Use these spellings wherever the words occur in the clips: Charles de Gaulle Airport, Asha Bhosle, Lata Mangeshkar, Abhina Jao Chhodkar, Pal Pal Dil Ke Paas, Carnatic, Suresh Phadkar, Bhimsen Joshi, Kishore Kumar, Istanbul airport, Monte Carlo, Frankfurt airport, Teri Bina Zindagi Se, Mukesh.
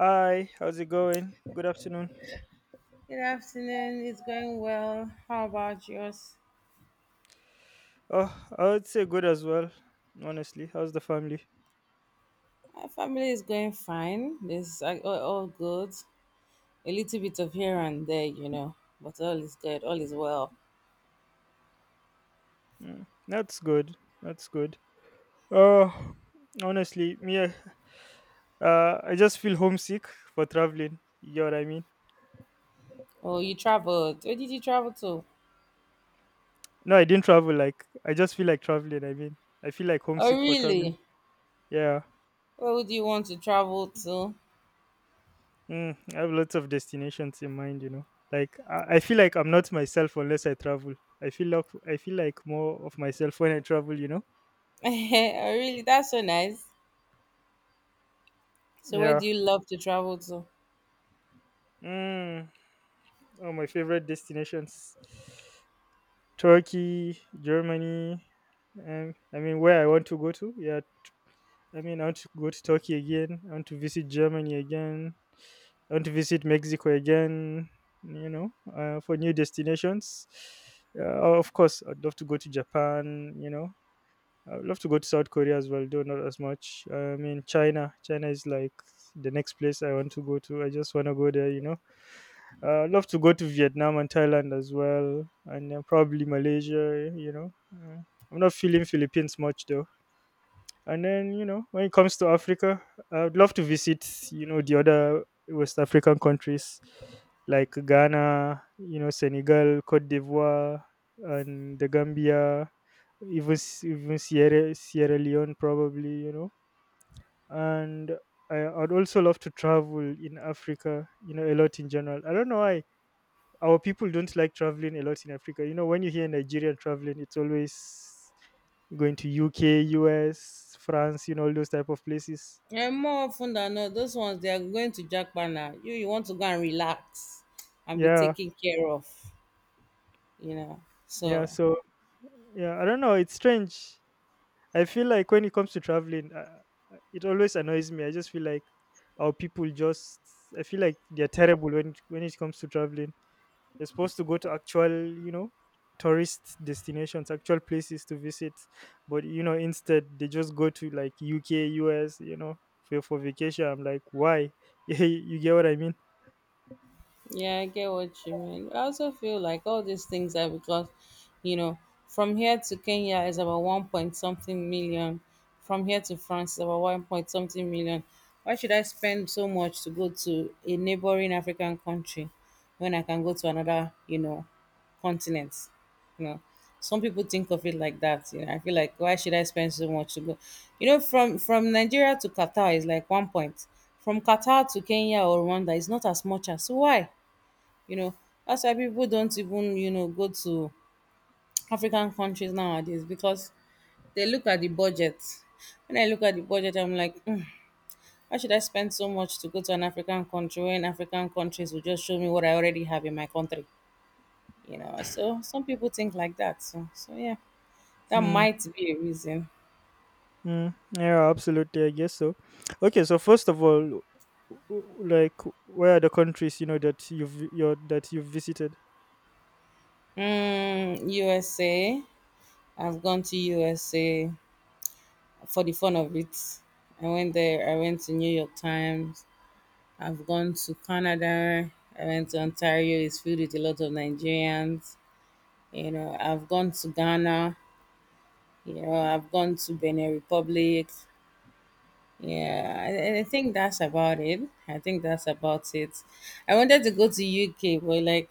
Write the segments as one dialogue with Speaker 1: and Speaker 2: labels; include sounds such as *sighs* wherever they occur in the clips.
Speaker 1: Hi, how's it going? Good afternoon.
Speaker 2: Good afternoon. It's going well. How about yours?
Speaker 1: Oh, I would say good as well. Honestly, how's the family?
Speaker 2: My family is going fine. It's all good. A little bit of here and there, you know, but all is good. All is well.
Speaker 1: That's good. That's good. Oh, honestly, me. I just feel homesick for traveling. You know what I mean?
Speaker 2: Oh, you traveled. Where did you travel to?
Speaker 1: No, I didn't travel. Like, I just feel like traveling. I mean, I feel like
Speaker 2: Oh,
Speaker 1: homesick for traveling.
Speaker 2: really?
Speaker 1: Yeah.
Speaker 2: Where would you want to travel to?
Speaker 1: I have lots of destinations in mind. You know, like I feel like I'm not myself unless I travel. I feel like more of myself when I travel. You know?
Speaker 2: *laughs* oh, really? That's so nice. So, where
Speaker 1: Yeah.
Speaker 2: do you love to travel to?
Speaker 1: Mm. Oh, my favorite destinations: Turkey, Germany. I mean, where I want to go to? Yeah, I mean, I want to go to Turkey again. I want to visit Germany again. I want to visit Mexico again. You know, for new destinations. Of course, I'd love to go to Japan. You know, I'd love to go to South Korea as well, though not as much. I mean, China. China is like the next place I want to go to. I just want to go there. Love to go to Vietnam and Thailand as well, and then probably Malaysia. You know, I'm not feeling Philippines much though. And then you know, when it comes to Africa, I'd love to visit you know the other West African countries like Ghana, you know, Senegal, Cote d'Ivoire, and the Gambia, even Sierra Leone probably. You know, and I'd also love to travel in Africa. You know, a lot in general. I don't know why our people don't like traveling a lot in Africa. You know, when you hear Nigeria traveling, it's always going to UK, US, France, you know, all those type of places.
Speaker 2: And more often than not, those ones they are going to Japan now. You want to go and relax and be
Speaker 1: Yeah,
Speaker 2: taken care of, you know.
Speaker 1: yeah.
Speaker 2: So
Speaker 1: So yeah, I don't know. It's strange. I feel like when it comes to traveling, it always annoys me. I just feel like our people just. I feel like they're terrible when it comes to traveling. You're supposed to go to actual, you know, tourist destinations, actual places to visit. But you know, instead they just go to like UK, US, you know, for vacation. I'm like, why? *laughs* You get what I mean?
Speaker 2: yeah, I get what you mean. I also feel like all these things are because, you know, from here to Kenya is about one point something million. From here to France is about one point something million. Why should I spend so much to go to a neighboring African country when I can go to another, you know, continent? You know, some people think of it like that. You know, I feel like why should I spend so much to go? You know, from Nigeria to Qatar is like one point. From Qatar to Kenya or Rwanda is not as much as so why? You know, that's why people don't even, you know, go to African countries nowadays because they look at the budget. When I look at the budget, I'm like, mm, why should I spend so much to go to an African country when African countries will just show me what I already have in my country? You know, so some people think like that. So yeah, that
Speaker 1: Mm,
Speaker 2: might be a reason.
Speaker 1: yeah, absolutely. I guess so. Okay, so first of all, like, where are the countries you know that you've visited?
Speaker 2: Mm, USA. I've gone to USA for the fun of it. I went there. I went to New York Times. I've gone to Canada. I went to Ontario. It's filled with a lot of Nigerians. You know, I've gone to Ghana. You know, I've gone to Benin Republic. Yeah, I think that's about it. I think that's about it. I wanted to go to UK, but like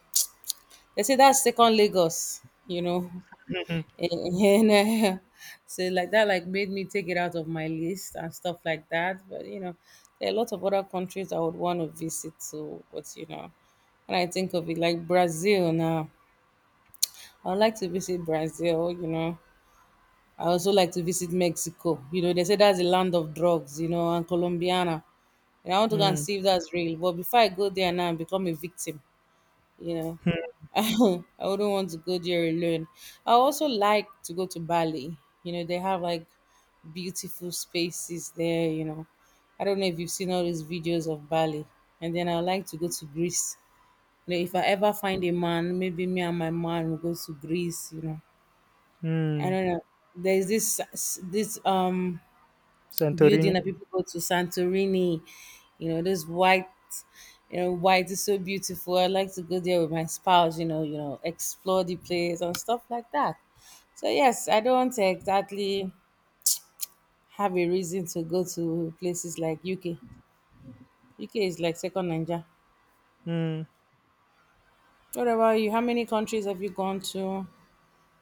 Speaker 2: *tsk* they say that's second Lagos. You know,
Speaker 1: Mhm.
Speaker 2: and, *laughs* so like that like made me take it out of my list and stuff like that. But you know, there are a lot of other countries I would want to visit to. But you know, when I think of it, like Brazil now, I would like to visit Brazil. You know, I also like to visit Mexico. You know, they say that's the land of drugs. You know, and Colombiana. And I want to go and
Speaker 1: Mm,
Speaker 2: see if that's real. But before I go there now and become a victim, you know.
Speaker 1: hmm,
Speaker 2: *laughs* I wouldn't want to go there alone. I also like to go to Bali. You know, they have like beautiful spaces there, you know. I don't know if you've seen all these videos of Bali. And then I like to go to Greece. You know, if I ever find a man, maybe me and my man will go to Greece, you know. I
Speaker 1: mm.
Speaker 2: don't know. There's this
Speaker 1: Santorini.
Speaker 2: building that people go to Santorini, you know, those white, you know, white is so beautiful. I like to go there with my spouse, you know, explore the place and stuff like that. So yes, I don't exactly have a reason to go to places like UK. UK is like second Nigeria.
Speaker 1: Mm,
Speaker 2: What about you? How many countries have you gone to?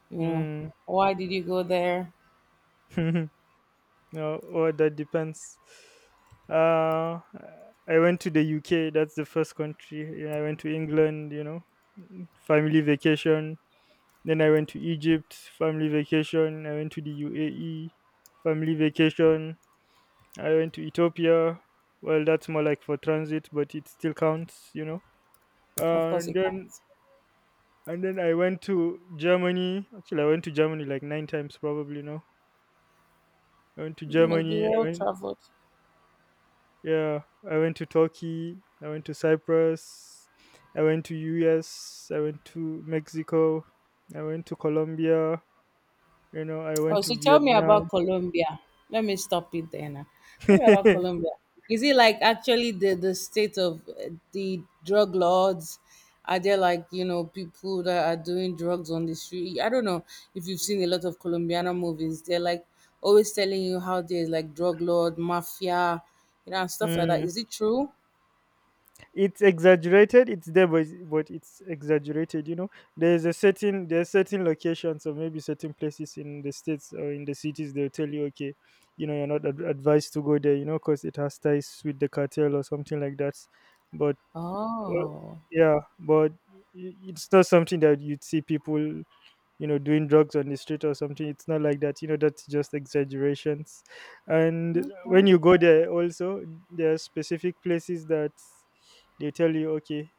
Speaker 2: You know,
Speaker 1: mm.
Speaker 2: why did you go there?
Speaker 1: *laughs* No, oh, that depends. Uh, I went to the UK. That's the first country. Yeah, I went to England. You know, family vacation. Then I went to Egypt, family vacation. I went to the UAE, family vacation. I went to Ethiopia. Well, that's more like for transit, but it still counts, you know.
Speaker 2: Of
Speaker 1: Uh,
Speaker 2: course,
Speaker 1: and
Speaker 2: you
Speaker 1: then
Speaker 2: can't.
Speaker 1: and then I went to Germany. Actually, I went to Germany like nine times probably. No, I went to
Speaker 2: You must be
Speaker 1: Germany. I
Speaker 2: well
Speaker 1: went
Speaker 2: traveled.
Speaker 1: Yeah. I went to Turkey. I went to Cyprus. I went to US. I went to Mexico. I went to Colombia. You know, I went
Speaker 2: Oh,
Speaker 1: to
Speaker 2: so tell me
Speaker 1: Vietnam.
Speaker 2: about Colombia. Let me stop it there now. Tell me about
Speaker 1: *laughs*
Speaker 2: Colombia. Is it like actually the state of the drug lords? Are there like, you know, people that are doing drugs on the street? I don't know if you've seen a lot of Colombiana movies. They're like always telling you how there's like drug lord, mafia, you know, and stuff like that.
Speaker 1: Mm.
Speaker 2: Is it true?
Speaker 1: It's exaggerated. It's there, it's- but it's exaggerated, you know. There's certain locations or maybe certain places in the states or in the cities. They'll tell you okay, you know, you're not ad- advised to go there, you know, because it has ties with the cartel or something like that. But uh,
Speaker 2: Oh,
Speaker 1: yeah, it's not something that you'd see people, you know, doing drugs on the street or something. It's not like that, you know. That's just exaggerations. And
Speaker 2: okay.
Speaker 1: when you go there also, there are specific places that they tell you okay,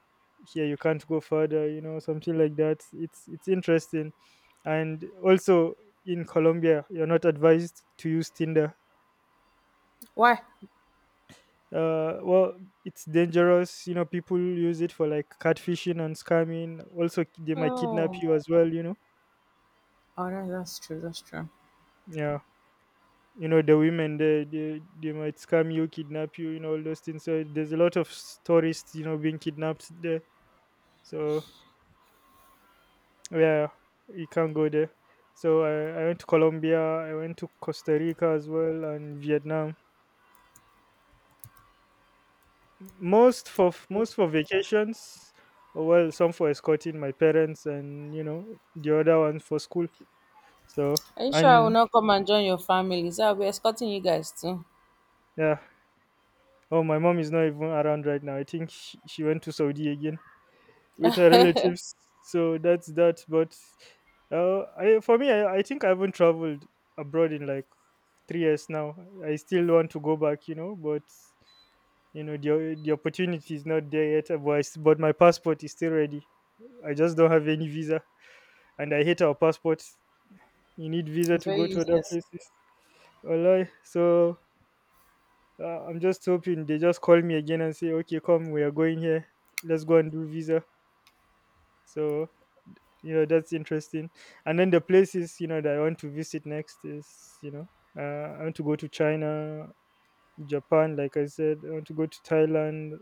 Speaker 1: here you can't go further, you know, something like that. It's interesting. And also in Colombia, you're not advised to use Tinder.
Speaker 2: Why?
Speaker 1: Well, it's dangerous, you know. People use it for like catfishing and scamming. Also, they might kidnap
Speaker 2: Oh,
Speaker 1: you as well, you know.
Speaker 2: oh, that's true. That's true.
Speaker 1: Yeah, you know, the women, they might scam you, kidnap you, you know, all those things. So there's a lot of tourists, you know, being kidnapped there. So yeah, you can't go there. I went to Colombia. I went to Costa Rica as well, and Vietnam. Most for most for vacations, or well, some for escorting my parents, and you know, the other ones for school. So
Speaker 2: Are you sure I will
Speaker 1: and
Speaker 2: not come and join your family? So I'll be escorting you guys too.
Speaker 1: yeah, oh, my mom is not even around right now. I think she went to Saudi again with her relatives. So that's that. But for me, I think I haven't traveled abroad in like 3 years now. I still want to go back, you know, but you know the opportunity is not there yet. But but my passport is still ready. I just don't have any visa, and I hate our passports. You need visa
Speaker 2: It's
Speaker 1: to
Speaker 2: very
Speaker 1: go to other
Speaker 2: useless.
Speaker 1: places. Wallahi. So I'm just hoping they just call me again and say, okay, come, we are going here. Let's go and do visa. So you know that's interesting. And then the places you know that I want to visit next is you know, I want to go to China, Japan, like I said. I want to go to Thailand,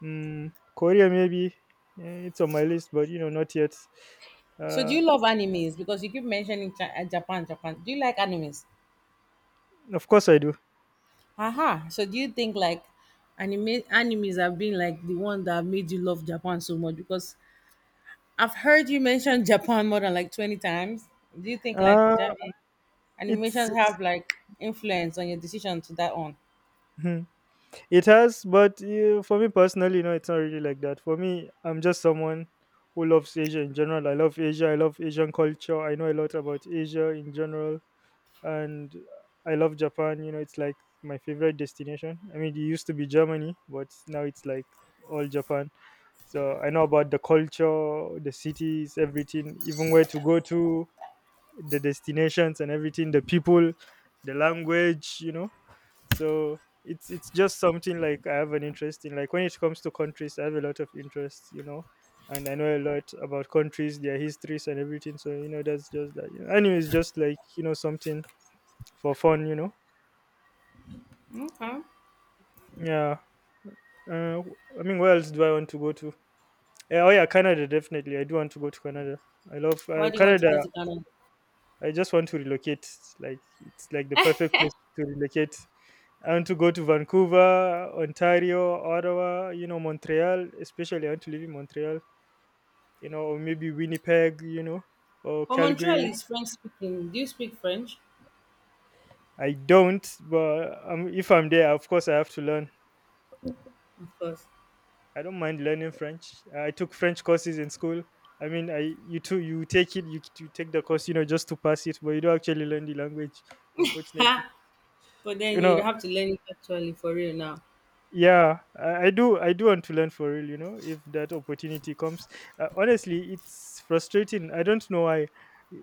Speaker 1: Korea maybe. Yeah, it's on my list, but you know, not yet.
Speaker 2: So do
Speaker 1: uh,
Speaker 2: you love animes? Because you keep mentioning Japan, Japan. Do you like animes?
Speaker 1: of course I do.
Speaker 2: Aha. So do you think like animes have been like the one that made you love Japan so much? Because I've heard you mention *laughs* Japan more than like 20 times. Do you think like
Speaker 1: uh, it's,
Speaker 2: animations
Speaker 1: it's
Speaker 2: have like influence on your decision to that one?
Speaker 1: hmm, it has, but for me personally, you know, it's not really like that for me. I'm just someone who loves Asia in general. I love Asia. I love Asian culture. I know a lot about Asia in general. And I love Japan. You know, it's like my favorite destination. I mean, it used to be Germany, but now it's like all Japan. So I know about the culture, the cities, everything, even where to go to, the destinations and everything, the people, the language. You know, so it's just something like I have an interest in. Like when it comes to countries, I have a lot of interest. You know. And I know a lot about countries, their histories, and everything. So you know, that's just that. You know, anyway, it's just like you know something for fun, you know.
Speaker 2: Okay.
Speaker 1: Yeah. Uh, I mean, where else do I want to go to? Yeah, oh yeah, Canada definitely. I do want to go to Canada. I love
Speaker 2: Why do you want to
Speaker 1: Canada.
Speaker 2: go to Canada?
Speaker 1: I just want to relocate. Like it's like the perfect place to relocate. I want to go to Vancouver, Ontario, Ottawa. You know, Montreal. Especially, I want to live in Montreal. You know, or maybe Winnipeg. You know, or
Speaker 2: Well, Montreal
Speaker 1: Calgary.
Speaker 2: is French speaking. Do you speak French?
Speaker 1: I don't, but if I'm there, of course, I have to learn.
Speaker 2: Of course.
Speaker 1: I don't mind learning French. I took French courses in school. I mean, I you too you take it, you take the course you know just to pass it, but you don't actually learn the language, unfortunately.
Speaker 2: Ha. But
Speaker 1: You
Speaker 2: then you'd
Speaker 1: know,
Speaker 2: have to learn it actually for real now.
Speaker 1: yeah, I do want to learn for real. You know, if that opportunity comes, honestly, it's frustrating. I don't know why.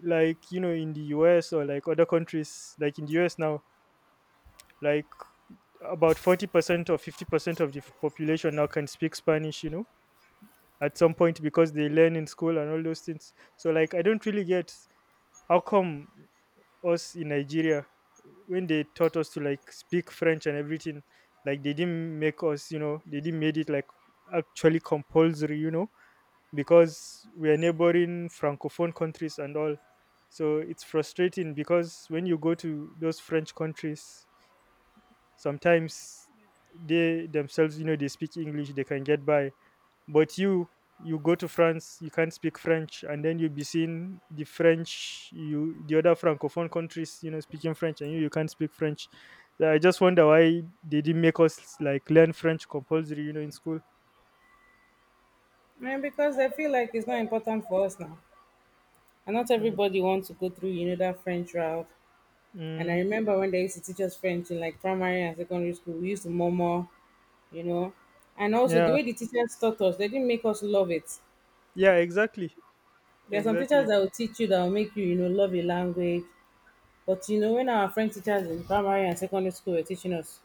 Speaker 1: Like you know, in the US or like other countries, like in the US now, like about 40% or 50% of the population now can speak Spanish. You know at some point because they learn in school and all those things. So like I don't really get how come us in Nigeria when they taught us to like speak French and everything, like they didn't make us, you know, they didn't made it like actually compulsory, you know, because we are neighboring francophone countries and all. So it's frustrating because when you go to those French countries, sometimes they themselves, you know, they speak English, they can get by, but you go to France, you can't speak French. And then you'll be seeing the other francophone countries, you know, speaking French, and you can't speak French. So I just wonder why they didn't make us like learn French compulsory, you know, in school.
Speaker 2: Man, because I feel like it's not important for us now. And not
Speaker 1: mm,
Speaker 2: everybody wants to go through, you know, that French route. And I
Speaker 1: mm,
Speaker 2: remember when they used to teach us French in like primary and secondary school, we used to murmur, you know. And also the
Speaker 1: yeah,
Speaker 2: way the teachers taught us, they didn't make us love it.
Speaker 1: yeah, exactly.
Speaker 2: There are some teachers
Speaker 1: Exactly.
Speaker 2: that will teach you that will make you, you know, love a language. But you know, when our French teachers in primary and secondary school were teaching us,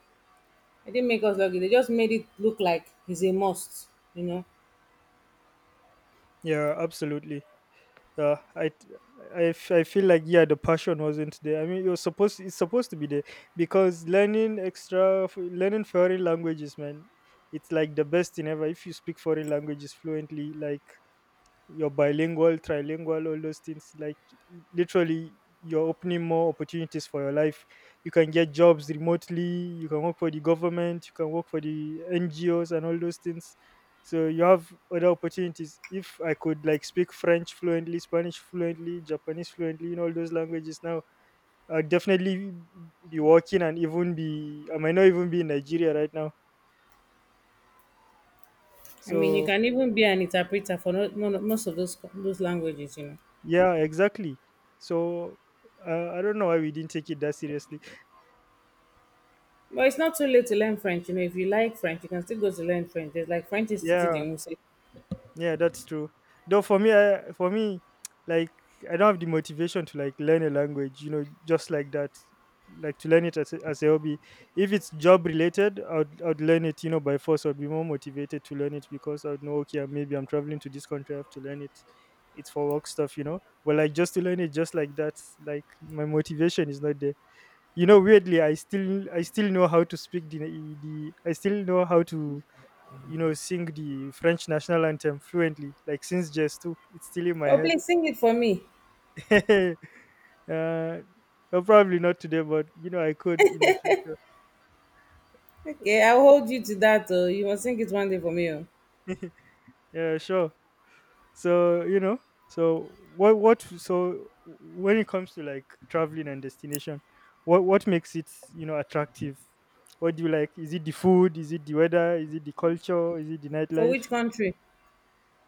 Speaker 2: they didn't make us love it. They just made it look like it's a must, you know.
Speaker 1: Yeah, absolutely. Yeah, I, t- I, f- I feel like yeah, the passion wasn't there. I mean, you're supposed it's supposed to be there because learning extra, learning foreign languages, man, it's like the best in ever. If you speak foreign languages fluently, like you're bilingual, trilingual, all those things. Like literally, you're opening more opportunities for your life. You can get jobs remotely. You can work for the government. You can work for the NGOs and all those things. So you have other opportunities. If I could like speak French fluently, Spanish fluently, Japanese fluently, in all those languages now, I'd definitely be working and even be. I might not even be in Nigeria right now.
Speaker 2: I mean, you
Speaker 1: So
Speaker 2: can even be an interpreter for most of those languages, you know.
Speaker 1: yeah, exactly. So I don't know why we didn't take it that seriously.
Speaker 2: But it's not too late to learn French, you know. If you like French, you can still go to learn French. There's like French Institute
Speaker 1: Yeah,
Speaker 2: in Wuse.
Speaker 1: yeah, that's true. Though for me, for me, *tsk* like I don't have the motivation to like learn a language, you know, just like that, like to learn it as as a hobby. If it's job related, I'd learn it, you know, by force. I'd be more motivated to learn it because I'd know, okay, maybe I'm traveling to this country, I have to learn it. It's for work stuff. But like just to learn it, just like that, like my motivation is not there. You know, weirdly, I still know how to speak the I still know how to sing the French national anthem fluently, like since JS2. It's still in my
Speaker 2: Oh,
Speaker 1: head.
Speaker 2: please sing it for me.
Speaker 1: *laughs* uh, well, probably not today, but you know, I could in the future.
Speaker 2: Okay, I'll hold you to that. Oh, you must sing it one day for me. Oh.
Speaker 1: Yeah, sure. So so when it comes to like traveling and destination, what makes it attractive? What do you like? Is it the food? Is it the weather? Is it the culture? Is it the
Speaker 2: For which
Speaker 1: nightlife?
Speaker 2: country?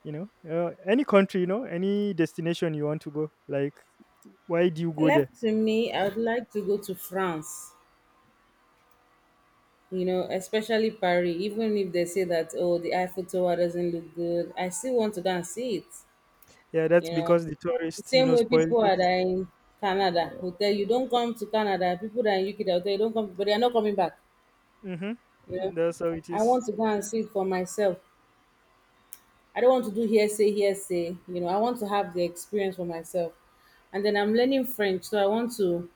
Speaker 1: You know, any country, you know, any destination you want to go, like, why do you go there?
Speaker 2: Left to me, I would like to go to France. You know, especially Paris. Even if they say that, oh, the Eiffel Tower doesn't look good, I still want to go and see it.
Speaker 1: Yeah, that's
Speaker 2: You know,
Speaker 1: because the
Speaker 2: the
Speaker 1: tourists, you
Speaker 2: same
Speaker 1: know,
Speaker 2: way
Speaker 1: spoiled
Speaker 2: people
Speaker 1: it.
Speaker 2: are that in Canada will tell you, don't come to Canada. People that in UK that will tell you, don't come, but they are not coming back. You
Speaker 1: Mm-hmm.
Speaker 2: know,
Speaker 1: That's how it
Speaker 2: I
Speaker 1: is.
Speaker 2: want to go and see it for myself. I don't want to do hearsay, hearsay. You know, I want to have the experience for myself. And then I'm learning French, so I want to,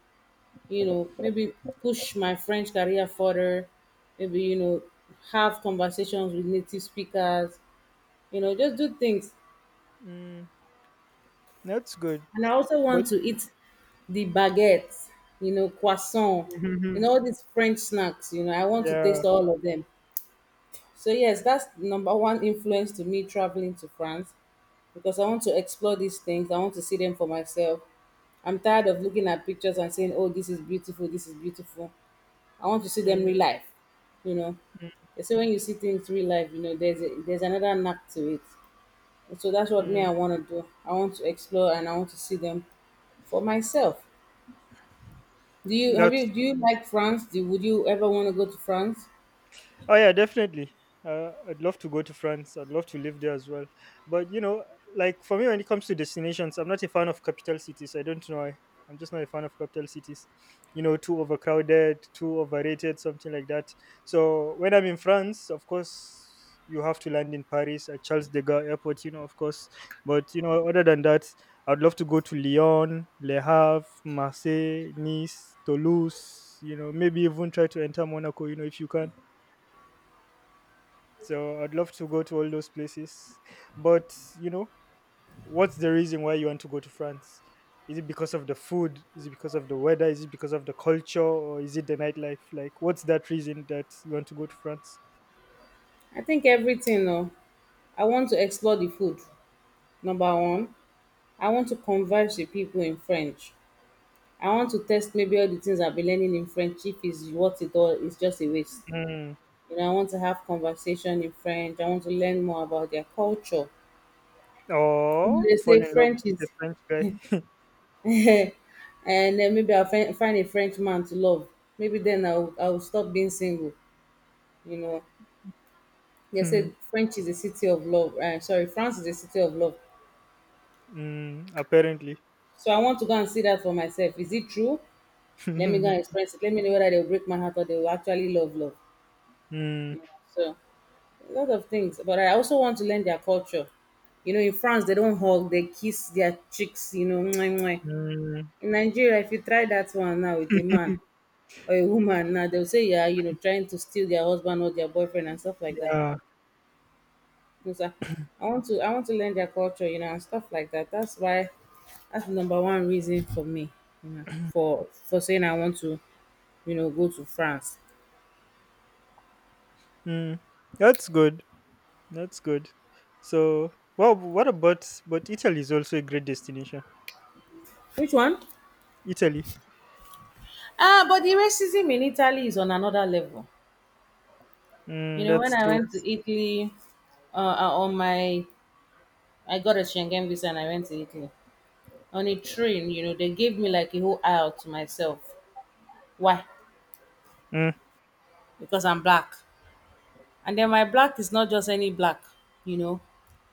Speaker 2: you know, maybe push my French career further. Maybe you know, have conversations with native speakers. You know, just do things.
Speaker 1: Mm, that's good.
Speaker 2: And I also
Speaker 1: But
Speaker 2: want to eat the baguettes, you know, croissant, you know,
Speaker 1: *laughs*
Speaker 2: all these French snacks, you know, I want to
Speaker 1: yeah,
Speaker 2: taste all of them. So, yes, that's number one influence to me traveling to France because I want to explore these things. I want to see them for myself. I'm tired of looking at pictures and saying, oh, this is beautiful, this is beautiful. I want to see them
Speaker 1: mm,
Speaker 2: real life, you know. They say when you see things real life, you know, there's another knack to it. So that's what
Speaker 1: mm,
Speaker 2: me I want to do. I want to explore and I want to see them for myself. Do you have you
Speaker 1: that's
Speaker 2: do you like France? Would you ever want to go to France?
Speaker 1: Oh yeah, definitely. I'd love to go to France. I'd love to live there as well. But you know, like for me, when it comes to destinations, I'm not a fan of capital cities. I don't know why. I'm just not a fan of capital cities. You know, too overcrowded, too overrated, something like that. So when I'm in France, of course, you have to land in Paris at Charles de Gaulle Airport. You know, of course. But you know, other than that, I'd love to go to Lyon, Le Havre, Marseille, Nice, Toulouse. You know, maybe even try to enter Monaco. You know, if you can so I'd love to go to all those places. But, you know, what's the reason why you want to go to France? Is it because of the food? Is it because of the weather? Is it because of the culture? Or is it the nightlife? Like, what's that reason that you want to go to France?
Speaker 2: I think everything. No, I want to explore the food. Number one, I want to converse with people in French. I want to test maybe all the things I've been learning in French. If it's what it all is just a waste.
Speaker 1: Mm.
Speaker 2: You know, I want to have conversation in French. I want to learn more about their culture. You know,
Speaker 1: Or
Speaker 2: they
Speaker 1: fall
Speaker 2: say
Speaker 1: in love
Speaker 2: French
Speaker 1: with a
Speaker 2: is
Speaker 1: French guy?
Speaker 2: *laughs* and then maybe I'll find a French man to love. Maybe then I'll stop being single. You know, they said French is a city of love. Sorry, France is a city of love.
Speaker 1: *laughs* mm, apparently.
Speaker 2: So I want to go and see that for myself. Is it true?
Speaker 1: *laughs*
Speaker 2: Let me go
Speaker 1: mm,
Speaker 2: and experience it. Let me know whether they'll break my heart or they will actually love love.
Speaker 1: mm,
Speaker 2: So a lot of things, but I also want to learn their culture. You know, in France they don't hug, they kiss their cheeks. You know, mwah, mwah. In Nigeria, if you try that one now with a man, or a woman now, they'll say, yeah, you know, trying to steal their husband or their boyfriend and stuff like that.
Speaker 1: yeah.
Speaker 2: No sir. I want to learn their culture, you know, and stuff like that. That's why that's the number one reason for me, you know, for saying I want to, you know, go to France.
Speaker 1: Mm. That's good. That's good. So, but Italy is also a great destination.
Speaker 2: Which one?
Speaker 1: Italy.
Speaker 2: Ah, but the racism in Italy is on another level. You
Speaker 1: Mm,
Speaker 2: know, when
Speaker 1: that's
Speaker 2: I
Speaker 1: true.
Speaker 2: went to Italy, on my, I got a Schengen visa and I went to Italy on a train. You know, they gave me like a whole aisle to myself. Why?
Speaker 1: Mm,
Speaker 2: Because I'm black. And then my black is not just any black, you know.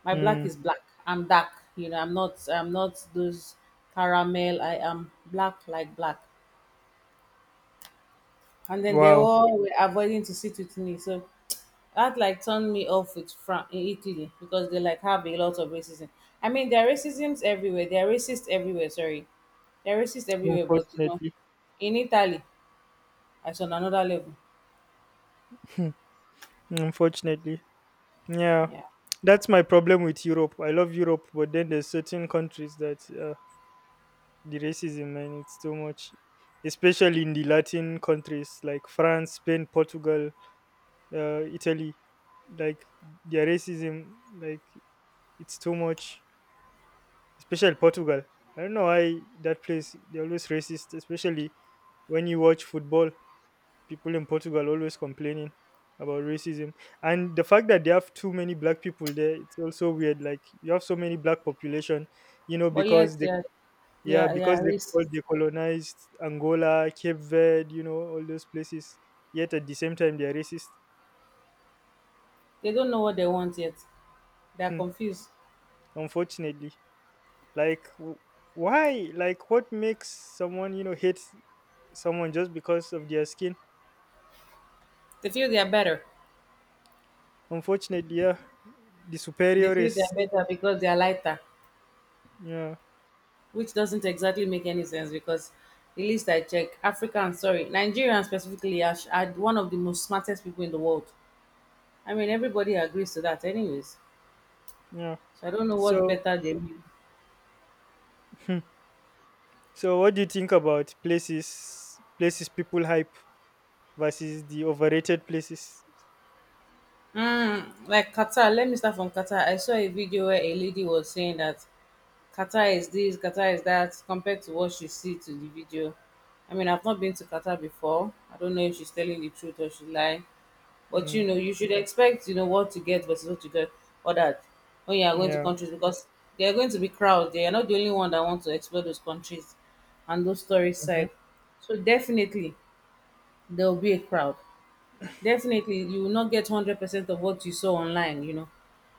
Speaker 2: My black
Speaker 1: mm.
Speaker 2: is black. I'm dark, you know. I'm not, I'm not those caramel. I am black like black. And then they
Speaker 1: Wow.
Speaker 2: all were avoiding to sit with me, so that like turned me off with in Italy, because they like have a lot of racism. I mean, there are racisms everywhere. There are racists everywhere. Sorry, there are racists everywhere, but you know,
Speaker 1: Unfortunately.
Speaker 2: in Italy, it's on another level.
Speaker 1: Unfortunately. Yeah.
Speaker 2: Yeah,
Speaker 1: That's my problem with Europe. I love Europe, but then there's certain countries that the racism, man, it's too much. Especially in the Latin countries like France, Spain, Portugal, Italy. Like, their racism, like, it's too much. Especially Portugal. I don't know why that place, they're always racist, especially when you watch football. People in Portugal always complaining about racism. And the fact that they have too many black people there, it's also weird. Like you have so many black population, you know,
Speaker 2: but yet,
Speaker 1: because they
Speaker 2: yeah,
Speaker 1: yeah,
Speaker 2: yeah, yeah,
Speaker 1: because
Speaker 2: racist.
Speaker 1: they colonized Angola, Cape Verde, you know, all those places. Yet at the same time they are racist.
Speaker 2: They don't know what they want yet. They are
Speaker 1: Hmm.
Speaker 2: confused.
Speaker 1: Unfortunately. Like w- why? Like what makes someone, you know, hate someone just because of their skin?
Speaker 2: They feel they are better.
Speaker 1: Unfortunately, yeah. The
Speaker 2: They
Speaker 1: superior
Speaker 2: feel they are
Speaker 1: is
Speaker 2: better because they are lighter,
Speaker 1: yeah,
Speaker 2: which doesn't exactly make any sense because the least I check, Africans, sorry, Nigerians specifically are, are one of the most smartest people in the world. I mean, everybody agrees to that anyways.
Speaker 1: yeah.
Speaker 2: So I don't know what
Speaker 1: So
Speaker 2: better they mean.
Speaker 1: *laughs* so, what do you think about places people hype versus the overrated places?
Speaker 2: Mm, like Qatar, let me start from Qatar. I saw a video where a lady was saying that Qatar is this, Qatar is that, compared to what she see to the video. I mean, I've not been to Qatar before. I don't know if she's telling the truth or she lie. But
Speaker 1: Mm,
Speaker 2: you know, you should expect, you know, what to get versus what to get or that when you are going to
Speaker 1: yeah,
Speaker 2: countries, because they are going to be crowds. They are not the only one that want to explore those countries and those stories
Speaker 1: mhm.
Speaker 2: side. So definitely there will be a crowd. Definitely you will not get 100% of what you saw online. You know,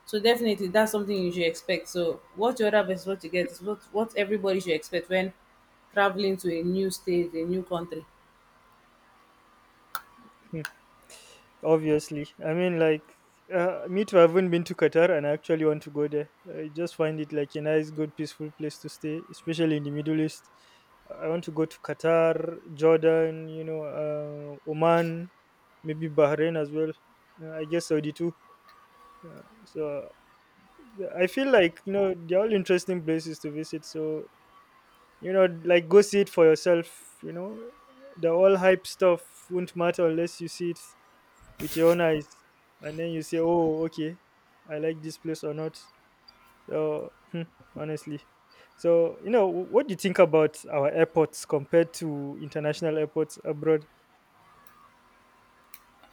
Speaker 2: so definitely that's something you should expect. So what you order versus what you get is what everybody should expect when traveling to a new state, a new country.
Speaker 1: Obviously. I mean, like me too. I haven't been to Qatar, and I actually want to go there. I just find it like a nice, good, peaceful place to stay, especially in the Middle East. I want to go to Qatar, Jordan, you know, Oman, maybe Bahrain as well. I guess Saudi too. So I feel like you know they're all interesting places to visit. So you know, like go see it for yourself. You know the all hype stuff won't matter unless you see it with your own eyes, and then you say oh, okay, I like this place or not. So hmm, honestly, so you know what do you think about our airports compared to international airports abroad?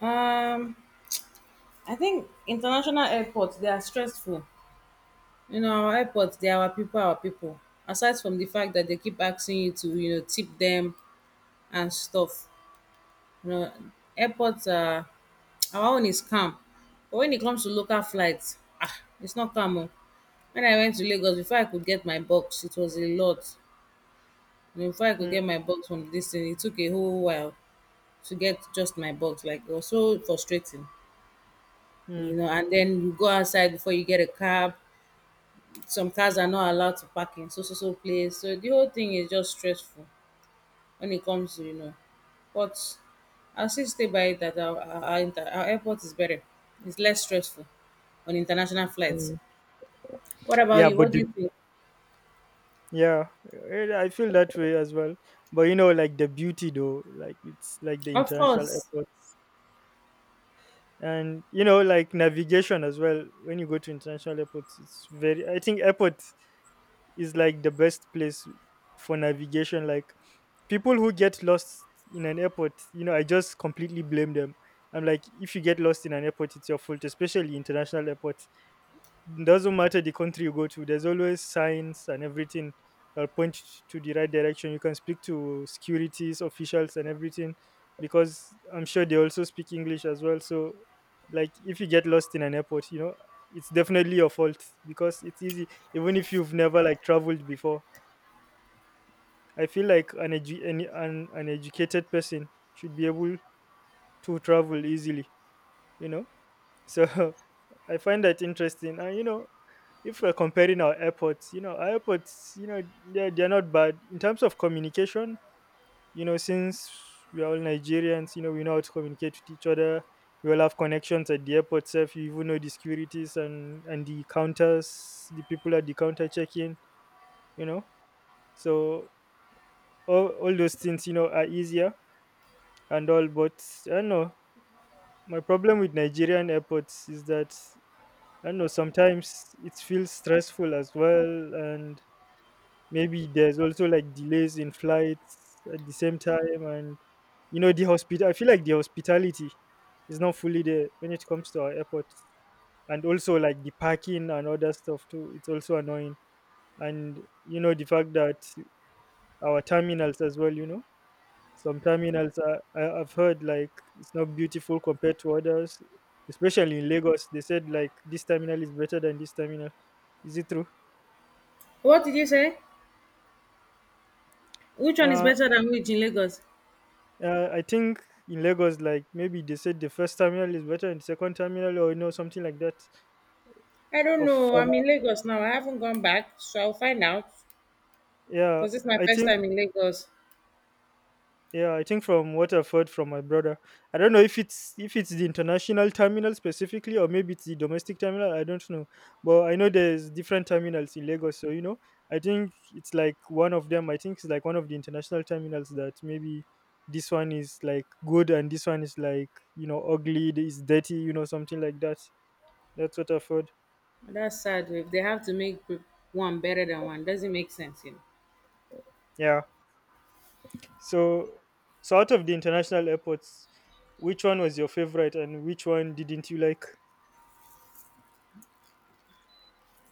Speaker 2: Um, I think international airports, they are stressful. You know, our airports, they are our people, our people. Aside from the fact that they keep asking you to, you know, tip them and stuff. You know, airports are *tsk* our own is calm. But when it comes to local flights, ah, it's not calm. Oh. When I went to Lagos, before I could get my box, it was a lot. You know, before I could
Speaker 1: Hmm,
Speaker 2: get my box from this thing, it took a whole while to get just my box. Like, it was so frustrating.
Speaker 1: hmm,
Speaker 2: You know, and then you go outside before you get a cab, some cars are not allowed to park in so so so place. So the whole thing is just stressful when it comes to, you know. But I'll still stay by it that our airport is better. It's less stressful on international flights.
Speaker 1: hmm.
Speaker 2: What about
Speaker 1: yeah
Speaker 2: you?
Speaker 1: but
Speaker 2: What do
Speaker 1: the,
Speaker 2: you think?
Speaker 1: yeah, eh, I feel that way as well, but you know, like the beauty though, like it's like the
Speaker 2: Of
Speaker 1: international
Speaker 2: course.
Speaker 1: airports and you know, like navigation as well. When you go to international airports, it's very, I think airport is like the best place for navigation. Like people who get lost in an airport, you know, I just completely blame them. I'm like, if you get lost in an airport, it's your fault. Especially international airports, doesn't matter the country you go to, there's always signs and everything that point to the right direction. You can speak to securities officials and everything because I'm sure they also speak English as well. So like if you get lost in an airport, you know, it's definitely your fault because it's easy. Even if you've never like traveled before, I feel like an educated person should be able to travel easily, you know, so *laughs* I find that interesting. And you know, if we're comparing our airports, you know, our airports, you know, they're not bad. In terms of communication, you know, since we are all Nigerians, you know, we know how to communicate with each other. We all have connections at the airport itself. You even know the securities and the counters, the people at the counter checking, you know. So all those things, you know, are easier and all. But I don't know. My problem with Nigerian airports is that, I don't know, sometimes it feels stressful as well. And maybe there's also like delays in flights at the same time, and you know the hospital, I feel like the hospitality is not fully there when it comes to our airports. And also like the parking and other stuff too, it's also annoying. And you know the fact that our terminals as well, you know, some terminals are, I've heard like it's not beautiful compared to others, especially in Lagos. They said like this terminal is better than this terminal. Is it true?
Speaker 2: What did you say? Which one is
Speaker 1: uh,
Speaker 2: better than which in Lagos?
Speaker 1: I think in Lagos, like maybe they said the first terminal is better than the second terminal, or you know something like that.
Speaker 2: I don't
Speaker 1: Of
Speaker 2: know.
Speaker 1: from
Speaker 2: I'm in Lagos now. I haven't gone back, so I'll find out.
Speaker 1: yeah,
Speaker 2: Because this is my
Speaker 1: I
Speaker 2: first
Speaker 1: think
Speaker 2: time in Lagos.
Speaker 1: yeah, I think from what I've heard from my brother, I don't know if it's the international terminal specifically, or maybe it's the domestic terminal. I don't know, but I know
Speaker 2: It's,
Speaker 1: there's different terminals in Lagos. So you know, I think it's like one of them. I think it's like one of the international terminals that maybe this one is like good and this one is like, you know, ugly, it's dirty, you know something like that. That's what I've heard.
Speaker 2: that's sad. If they have to make one better than one, doesn't make sense, you know.
Speaker 1: Yeah. So so out of the international airports, which one was your favorite and which one didn't you like?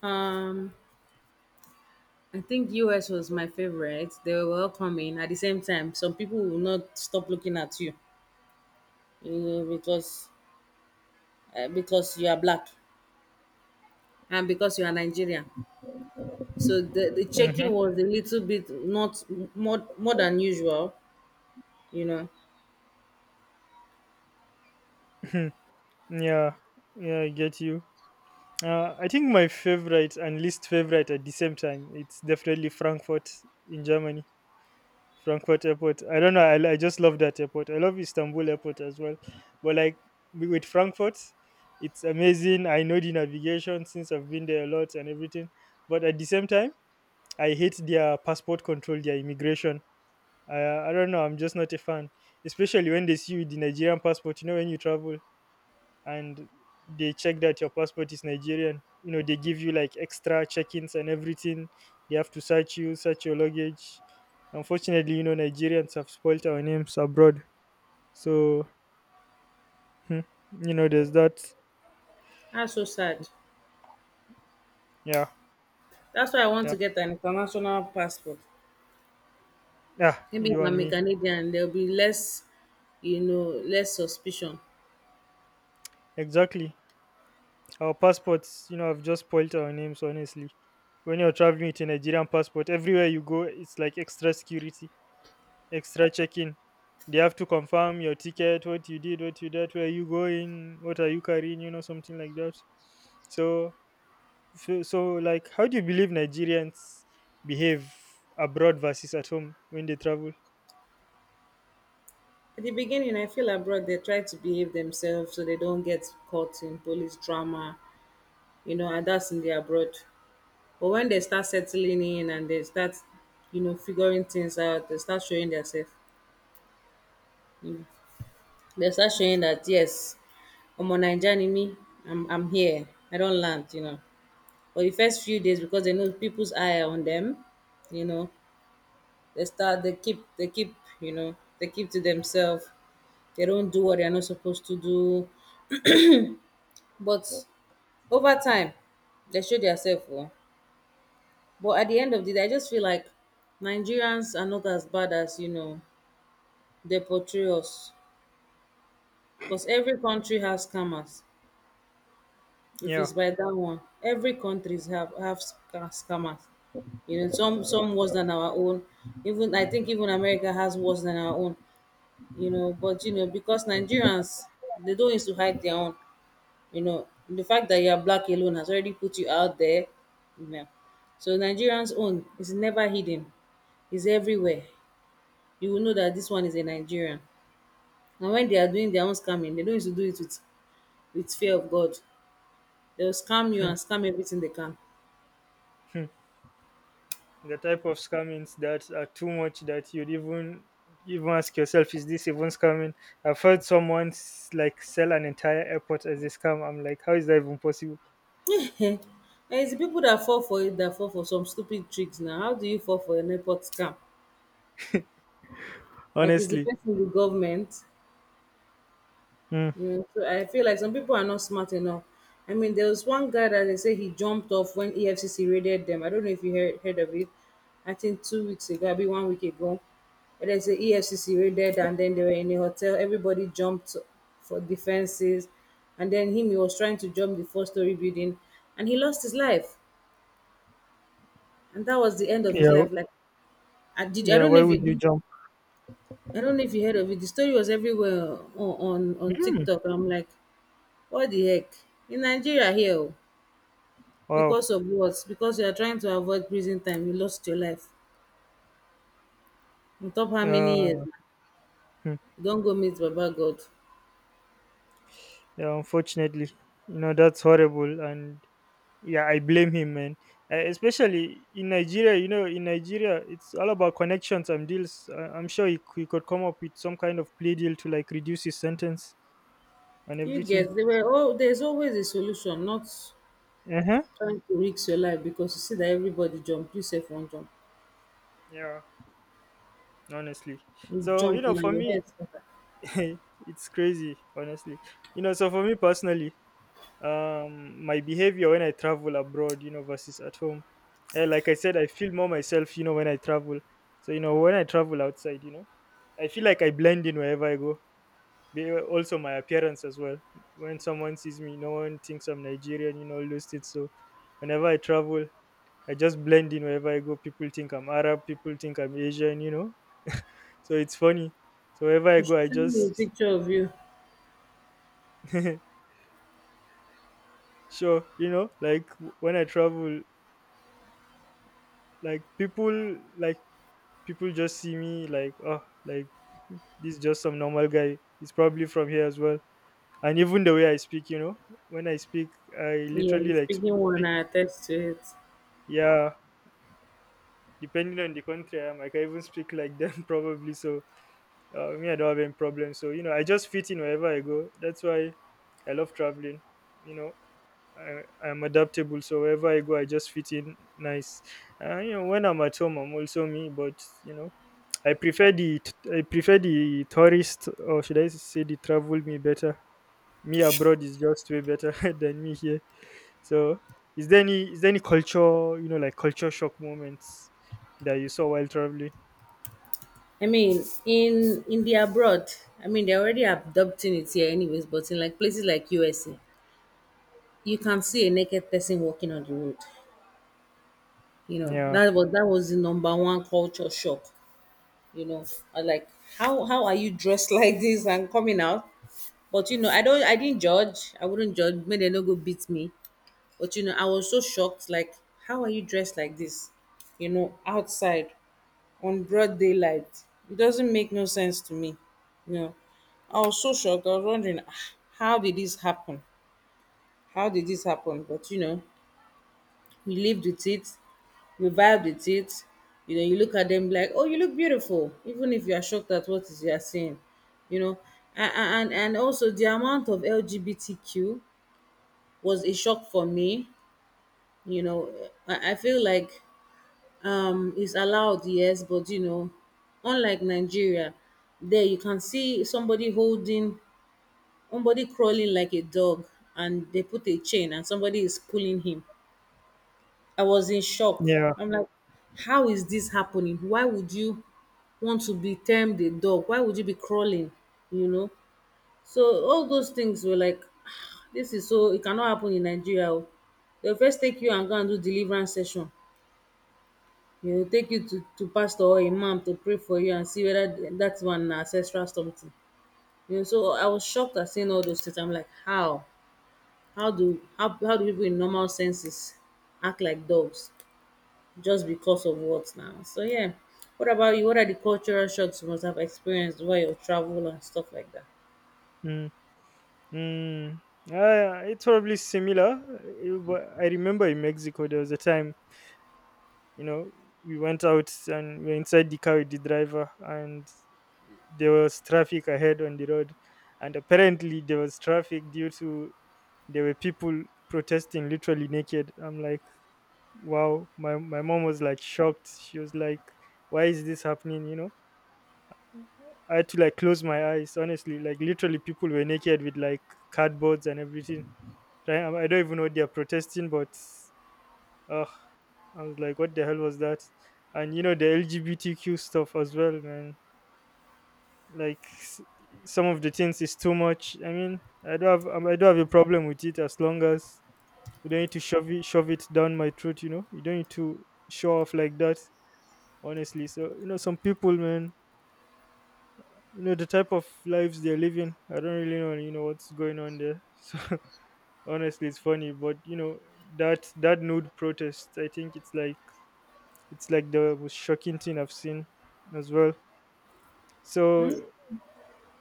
Speaker 2: Um, I think US was my favorite. They were welcoming. At the same time, some people will not stop looking at you, uh, because because you are black and because you are Nigerian. So the checking was a little bit not more than usual, you know.
Speaker 1: Mhm. Yeah. Yeah, I get you. I think my favorite and least favorite at the same time, it's definitely Frankfurt in Germany. Frankfurt airport. I don't know. I just love that airport. I love Istanbul airport as well. But like with Frankfurt, it's amazing. I know the navigation since I've been there a lot and everything. But at the same time, I hate their passport control, their immigration. I don't know. I'm just not a fan, especially when they see you with the Nigerian passport. You know when you travel and they check that your passport is Nigerian. You know they give you like extra check-ins and everything. They have to search you, search your luggage. Unfortunately, you know Nigerians have spoilt our names abroad. So hmm, you know there's that.
Speaker 2: That's so sad.
Speaker 1: Yeah,
Speaker 2: That's why I want
Speaker 1: yeah,
Speaker 2: to get an international passport.
Speaker 1: yeah.
Speaker 2: Maybe if
Speaker 1: You and
Speaker 2: I'm a
Speaker 1: me
Speaker 2: Canadian, there'll be less, you know, less suspicion.
Speaker 1: exactly. Our passports, you know, have just spoilt our names. Honestly, when you're traveling with a Nigerian passport, everywhere you go, it's like extra security, extra check-in. They have to confirm your ticket, what you did, where you going, what are you carrying, you know, something like that. So, so like, how do you believe Nigerians behave abroad versus at home when they travel?
Speaker 2: At the beginning, I feel abroad they try to behave themselves so they don't get caught in police drama, you know, and that's in the abroad. But when they start settling in and they start, you know, figuring things out, they start showing themselves. They start showing that yes, I'm on Nigerian me, I'm here. I don't land, you know. For the first few days, because they know people's eye are on them, you know, they start they keep you know they keep to themselves. They don't do what they are not supposed to do. But over time, they show themselves. Oh, but at the end of the day, I just feel like Nigerians are not as bad as you know they portray us. Because every country has scammers. If
Speaker 1: Yeah,
Speaker 2: it's by that one, every countries have scammers. You know, some worse than our own. Even I think even America has worse than our own. You know, but you know, because Nigerians, they don't used to hide their own. You know, the fact that you are black alone has already put you out there, you know. So Nigerians own is never hidden. It's everywhere. You will know that this one is a Nigerian. And when they are doing their own scamming, they don't need to do it with fear of God. They'll scam you and scam everything they can.
Speaker 1: hmm. The type of scammings that are too much that you'd even ask yourself, is this even scamming? I've heard someone like sell an entire airport as a scam. I'm like, how is that even possible?
Speaker 2: *laughs* And it's the people that fall for it that fall for some stupid tricks now. How do you fall for a network scam? Like, is the
Speaker 1: Honestly,
Speaker 2: person the government?
Speaker 1: hmm.
Speaker 2: Mm, so I feel like some people are not smart enough. I mean, there was one guy that they say he jumped off when EFCC raided them. I don't know if you heard of it. I think 2 weeks ago, maybe 1 week ago. And there's a EFCC raided, and then they were in a hotel. Everybody jumped for defenses, and then him, he was trying to jump the four-story building, and he lost his life, and that was the end of his
Speaker 1: Yeah,
Speaker 2: life. Like, I did. I
Speaker 1: yeah.
Speaker 2: don't know
Speaker 1: Why
Speaker 2: if
Speaker 1: would you
Speaker 2: you.
Speaker 1: jump?
Speaker 2: I don't know if you heard of it. The story was everywhere on TikTok. I'm like, what the heck? In Nigeria here oo,
Speaker 1: Wow.
Speaker 2: because of what? Because you are trying to avoid prison time, you lost your life. On top how many years
Speaker 1: Uh,
Speaker 2: na?
Speaker 1: hmm,
Speaker 2: You don go meet baba God.
Speaker 1: yeah, unfortunately, you know that's horrible, and yeah, I blame him, man. Especially in Nigeria, you know, in Nigeria, it's all about connections and deals. I'm sure he could come up with some kind of plea deal to like reduce his sentence and
Speaker 2: You
Speaker 1: everything.
Speaker 2: get they were oh, there's always a solution, not
Speaker 1: Uh huh.
Speaker 2: trying to risk your life because you see that everybody jump, you safe one jump.
Speaker 1: Yeah, honestly.
Speaker 2: You
Speaker 1: So you
Speaker 2: jump
Speaker 1: know,
Speaker 2: now,
Speaker 1: for
Speaker 2: your
Speaker 1: me,
Speaker 2: head scatter.
Speaker 1: *laughs* it's crazy, honestly. So for me personally, my behavior when I travel abroad, versus at home. Like I said, I feel more myself when I travel. So when I travel outside, I feel like I blend in wherever I go. Also my appearance as well. When someone sees me, no one thinks I'm Nigerian, all those things. So whenever I travel, I just blend in wherever I go. People think I'm Arab, people think I'm Asian. So it's funny. So wherever I
Speaker 2: You
Speaker 1: go,
Speaker 2: should
Speaker 1: I
Speaker 2: send me a
Speaker 1: just
Speaker 2: picture of you.
Speaker 1: *laughs* sure, like when I travel, like, people like, people just see me like, oh, like this is just some normal guy. He's probably from here as well. And even the way I speak, when I speak, I
Speaker 2: Yeah, the
Speaker 1: literally like
Speaker 2: speaking one,
Speaker 1: speak,
Speaker 2: I attest to it.
Speaker 1: yeah, depending on the country I am, I can even speak like them *laughs* probably. So, me, I don't have any problem. So, I just fit in wherever I go. That's why I love traveling, you know. I'm adaptable, so wherever I go, I just fit in nice. When I'm at home, I'm also me, but I prefer the tourist, or should I say, the travel me better. Me abroad is just way better *laughs* than me here. So, is there any culture, like culture shock moments that you saw while traveling?
Speaker 2: I mean, in the abroad, I mean they're already adopting it here anyways, but in like places like USA, you can see a naked person walking on the road. You know,
Speaker 1: Yeah,
Speaker 2: that was the number one culture shock. You know, I like, how are you dressed *laughs* like this and coming out? But you know, I don't, I didn't judge. I wouldn't judge. May they no go beat me. But you know, I was so shocked. Like, how are you dressed like this? You know, outside on broad daylight. It doesn't make no sense to me, you know. I was so shocked. I was wondering, "Ah, how did this happen? How did this happen?" But you know, you lived with it, you vibed with it, you know, you look at them like, oh, you look beautiful, even if you are shocked at what is you are seeing, you know. And also the amount of LGBTQ was a shock for me. You know, I feel like it's allowed, yes, but you know, unlike Nigeria, there you can see somebody holding, somebody crawling like a dog, and they put a chain and somebody is pulling him. I was in shock.
Speaker 1: yeah.
Speaker 2: I'm like, how is this happening? Why would you want to be termed a dog? Why would you be crawling? You know? So all those things were like, *sighs* "Ah, this is so, it cannot happen in Nigeria. Oh." They'll first take you and go and do deliverance session. You know, take you to pastor or imam to pray for you and see whether that one na ancestral something. You know, so I was shocked at seeing all those things. I'm like, how? How do people in normal senses act like dogs? Just because of what now. So yeah. What about you? What are the cultural shocks you must have experienced while you travel and stuff like that?
Speaker 1: Mm. Mm. It's probably similar, but I remember in Mexico there was a time you know we went out and we were inside the car with the driver, and there was traffic ahead on the road, and apparently there was traffic due to there were people protesting literally naked. I'm like, wow. My mom was like shocked. She was like, why is this happening? I had to like close my eyes honestly, like literally people were naked with like cardboards and everything. I don't even know what they're protesting. But ugh, I was like, what the hell was that? And you know the LGBTQ stuff as well, man. Like, some of the things is too much. I mean, I don't have a problem with it as long as you don't need to shove it down my throat. You don't need to show off like that. Honestly, so some people, man. You know the type of lives they're living. I don't really know. You know what's going on there. *laughs* So honestly, it's funny, but that nude protest, I think it's like the most shocking thing I've seen as well. So,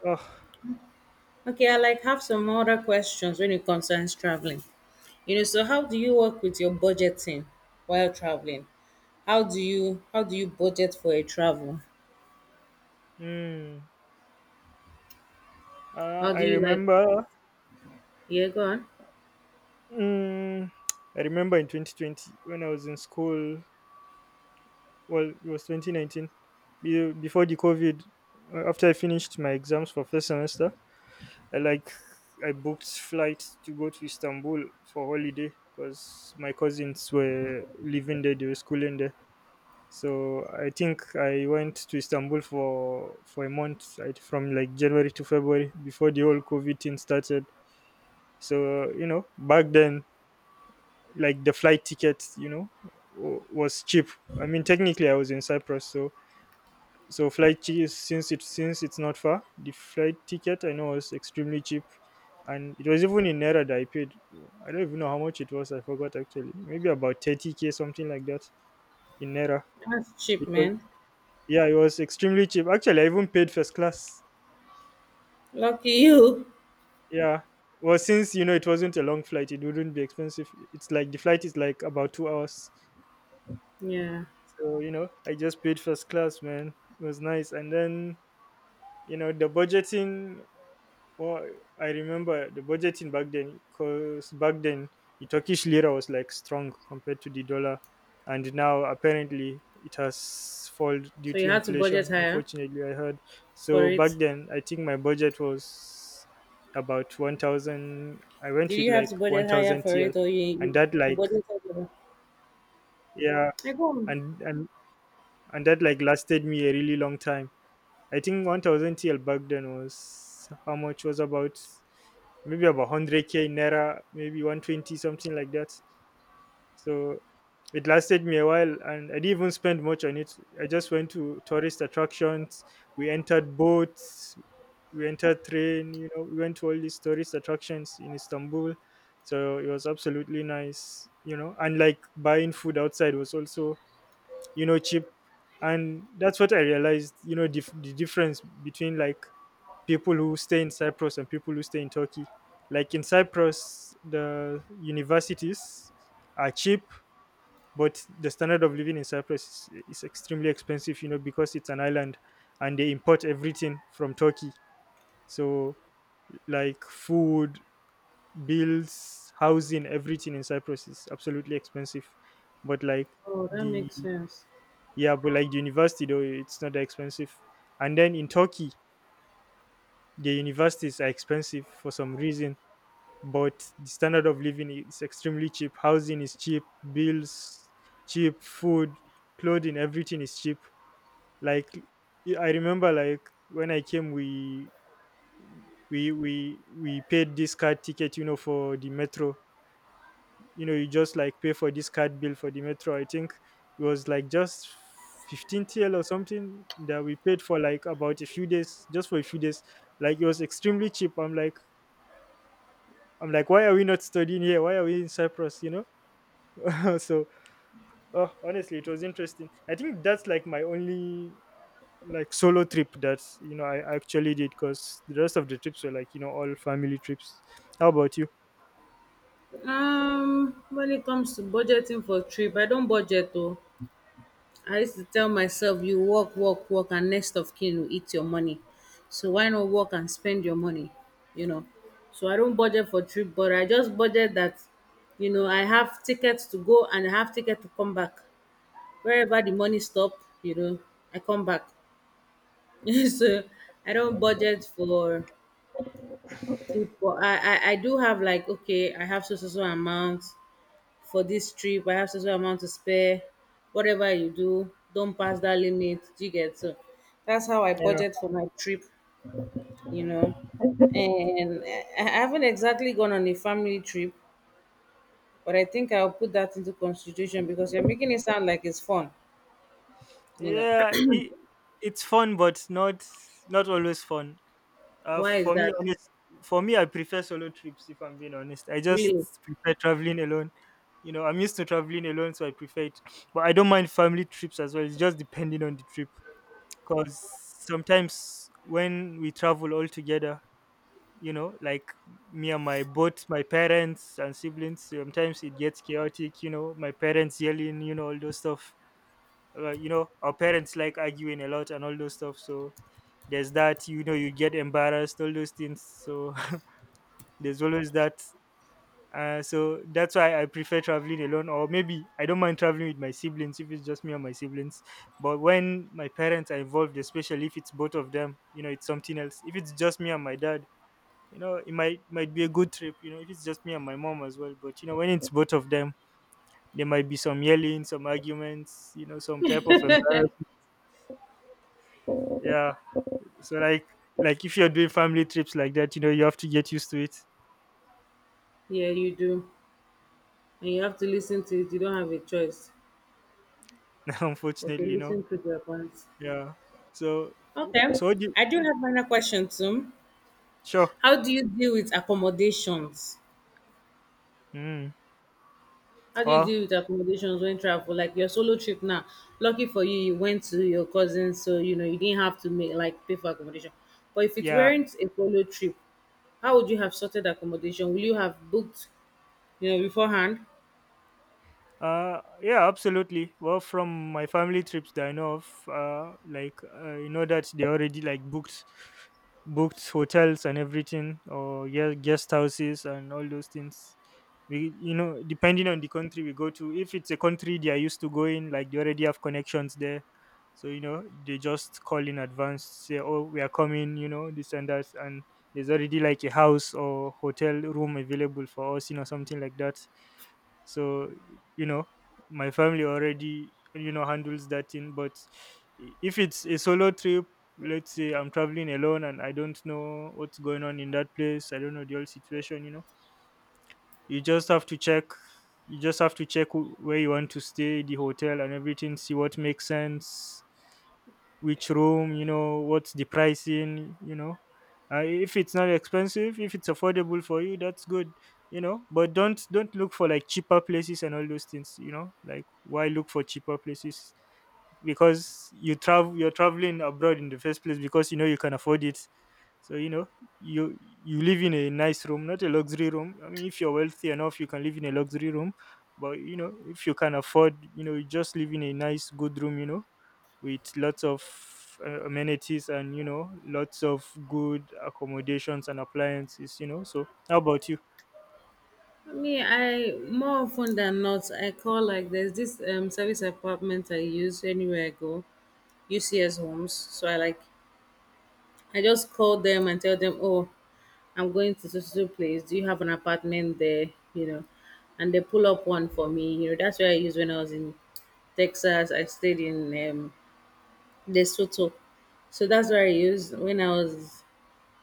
Speaker 1: oh,
Speaker 2: Okay, I like have some other questions when it concerns traveling. You know, so how do you work with your budgeting while traveling? How do you budget for a travel?
Speaker 1: mm, uh,
Speaker 2: How
Speaker 1: I
Speaker 2: do you like,
Speaker 1: remember,
Speaker 2: yeah, go on.
Speaker 1: mm, I remember in 2020 when I was in school. Well, it was 2019, before the COVID. After I finished my exams for first semester, I like I booked flight to go to Istanbul for holiday because my cousins were living there. They were schooling there. So I think I went to Istanbul for a month, from like January to February before the whole COVID thing started. So back then, like, the flight ticket, was cheap. I mean, technically I was in Cyprus, so flight tickets, since it's not far, the flight ticket, I know, was extremely cheap. And it was even in naira that I paid. I don't even know how much it was, I forgot actually. Maybe about 30K, something like that, in naira.
Speaker 2: That's cheap,
Speaker 1: It was
Speaker 2: man.
Speaker 1: Yeah, it was extremely cheap. Actually, I even paid first class.
Speaker 2: Lucky you.
Speaker 1: Yeah. Well, since it wasn't a long flight, it wouldn't be expensive. It's like the flight is like about 2 hours.
Speaker 2: Yeah.
Speaker 1: So, I just paid first class, man. It was nice. And then, you know, the budgeting well, I remember the budgeting back then, because back then the Turkish lira was like strong compared to the dollar, and now apparently it has fallen due
Speaker 2: So
Speaker 1: to
Speaker 2: you had to budget
Speaker 1: inflation.
Speaker 2: higher
Speaker 1: Unfortunately, I heard.
Speaker 2: for
Speaker 1: So back
Speaker 2: it.
Speaker 1: then, I think my budget was about 1,000. I
Speaker 2: Did
Speaker 1: went with
Speaker 2: you have to
Speaker 1: like one
Speaker 2: budget higher
Speaker 1: thousand
Speaker 2: for
Speaker 1: TL,
Speaker 2: it or
Speaker 1: and
Speaker 2: you
Speaker 1: that
Speaker 2: you
Speaker 1: like,
Speaker 2: budgeted?
Speaker 1: yeah,
Speaker 2: I go on.
Speaker 1: and and and that like lasted me a really long time. I think 1,000 TL back then was how much, was about maybe about 100K in naira, maybe 120, something like that. So it lasted me a while, and I didn't even spend much on it. I just went to tourist attractions. We entered boats, we entered train. We went to all these tourist attractions in Istanbul. So it was absolutely nice. And like buying food outside was also cheap, and that's what I realized. The difference between like people who stay in Cyprus and people who stay in Turkey. Like in Cyprus, the universities are cheap, but the standard of living in Cyprus is extremely expensive, because it's an island and they import everything from Turkey. So, like, food, bills, housing, everything in Cyprus is absolutely expensive. But, like,
Speaker 2: Oh, that
Speaker 1: the
Speaker 2: makes sense.
Speaker 1: yeah, but like the university, though, it's not that expensive. And then in Turkey, the universities are expensive for some reason, but the standard of living is extremely cheap. Housing is cheap, bills cheap, food, clothing, everything is cheap. Like I remember, like when I came, we paid this card ticket, for the metro. You just like pay for this card bill for the metro. I think it was like just 15 TL or something that we paid for like about a few days, just for a few days. Like it was extremely cheap. I'm like, why are we not studying here? Why are we in Cyprus? *laughs* So, oh, honestly, it was interesting. I think that's like my only like solo trip that I actually did because the rest of the trips were like all family trips. How about you?
Speaker 2: When it comes to budgeting for trip, I don't budget though. I used to tell myself, you work, work, work, and next of kin will eat your money. So why not work and spend your money? You know. So I don't budget for trip, but I just budget that, I have tickets to go and I have ticket to come back. Wherever the money stop, you know, I come back. *laughs* So I don't budget for trip, but I do have like, okay, I have so so so amount for this trip. I have so so amount to spare. Whatever you do, don't pass that limit. Do you get so? That's how I
Speaker 1: Yeah,
Speaker 2: budget for my trip, you know. And I haven't exactly gone on a family trip, but I think I'll put that into consideration because you're making it sound like it's fun, you know.
Speaker 1: yeah, it's fun, but not always fun. Uh,
Speaker 2: Why is
Speaker 1: for me,
Speaker 2: that?
Speaker 1: honest, for me, I prefer solo trips. If I'm being honest, I just
Speaker 2: Really?
Speaker 1: prefer traveling alone. I'm used to traveling alone, so I prefer it. But I don't mind family trips as well. It's just depending on the trip, because sometimes when we travel all together, like, me and my both my parents and siblings, sometimes it gets chaotic, my parents yelling, all those stuff. Our parents like arguing a lot and all those stuff. So there's that, you get embarrassed, all those things. So *laughs* there's always that. So that's why I prefer traveling alone, or maybe I don't mind traveling with my siblings if it's just me and my siblings. But when my parents are involved, especially if it's both of them, it's something else. If it's just me and my dad, it might be a good trip. If it's just me and my mom as well, but when it's both of them, there might be some yelling, some arguments, some type of embarrassment. Yeah, so like if you're doing family trips like that, you have to get used to it.
Speaker 2: Yeah, you do. And you have to listen to it. You don't have a choice
Speaker 1: *laughs*
Speaker 2: but to
Speaker 1: Unfortunately.
Speaker 2: listen to their points.
Speaker 1: Yeah, so
Speaker 2: Okay.
Speaker 1: so
Speaker 2: I do have another question too.
Speaker 1: sure.
Speaker 2: How do you deal with accommodations?
Speaker 1: Mm.
Speaker 2: How do you
Speaker 1: Well,
Speaker 2: deal with accommodations when travel? Like your solo trip now. Lucky for you, you went to your cousin, so you know you didn't have to make like pay for accommodation. But if it
Speaker 1: yeah.
Speaker 2: weren't a solo trip, how would you have sorted accommodation? Will you have booked beforehand?
Speaker 1: Yeah, absolutely. Well, from my family trips that I know of, like you know that they already like booked hotels and everything, or yeah, guest houses and all those things. We, depending on the country we go to, if it's a country they are used to going, like they already have connections there, so they just call in advance, say, oh, we are coming, this and that, and there's already like a house or hotel room available for us, something like that. So you know my family already handles that thing, but if it's a solo trip, let's say I'm traveling alone and I don't know what's going on in that place, I don't know the whole situation. You just have to check you just have to check where you want to stay, the hotel and everything, see what makes sense, which room, what's the pricing. If it's not expensive, if it's affordable for you, that's good. But don't look for like cheaper places and all those things. Like why look for cheaper places? Because you're traveling abroad in the first place because you know you can afford it. So you live in a nice room, not a luxury room. I mean, if you're wealthy enough, you can live in a luxury room. But if you can afford, you just live in a nice, good room. You know, with lots of amenities and lots of good accommodations and appliances, so how about you?
Speaker 2: I mean, I more often than not, I call like there's this service apartment I use anywhere I go, UCS homes. So I like I just call them and tell them, oh, I'm going to so so so place. Do you have an apartment there? You know, and they pull up one for me. You know, that's where I used when I was in Texas. I stayed in Lesotho, so that's where I used when I was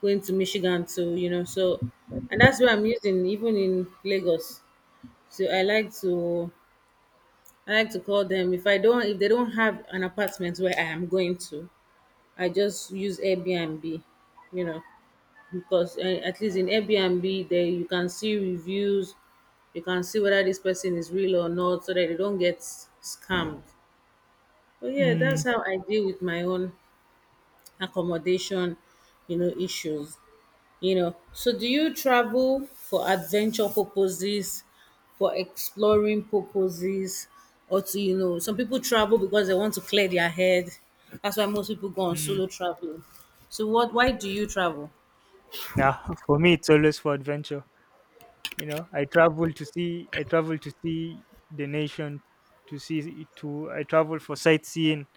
Speaker 2: going to Michigan too. You know, so and that's where I'm using even in Lagos. So I like to call them if I don't if they don't have an apartment where I am going to, I just use Airbnb. You know, because at least in Airbnb there you can see reviews, you can see whether this person is real or not, so that they don't get scammed. But yeah,
Speaker 1: mm,
Speaker 2: that's how I deal with my own accommodation issues. You know, so do you travel for adventure purposes, for exploring purposes, or to you know, some people travel because they want to clear their head. That's why most people go on
Speaker 1: mm,
Speaker 2: solo traveling. So what? Why do you travel?
Speaker 1: nah, for me it's always for adventure. I travel to see. I travel to see the nation, to see to I travel for sightseeing.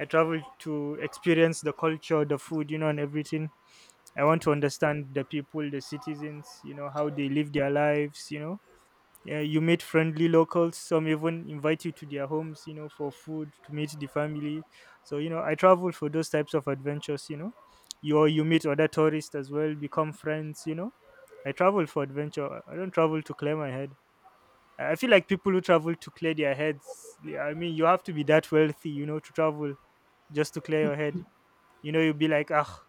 Speaker 1: I travel to experience the culture, the food, and everything. I want to understand the people, the citizens, how they live their lives. Yeah, you meet friendly locals. Some even invite you to their homes, you know, for food, to meet the family. So, I travel for those types of adventures. You know, you or you meet other tourists as well, become friends. You know, I travel for adventure. I don't travel to clear my head. I feel like people who travel to clear their heads. Yeah, I mean, you have to be that wealthy, you know, to travel just to clear your head. You know, you'll be like, ah,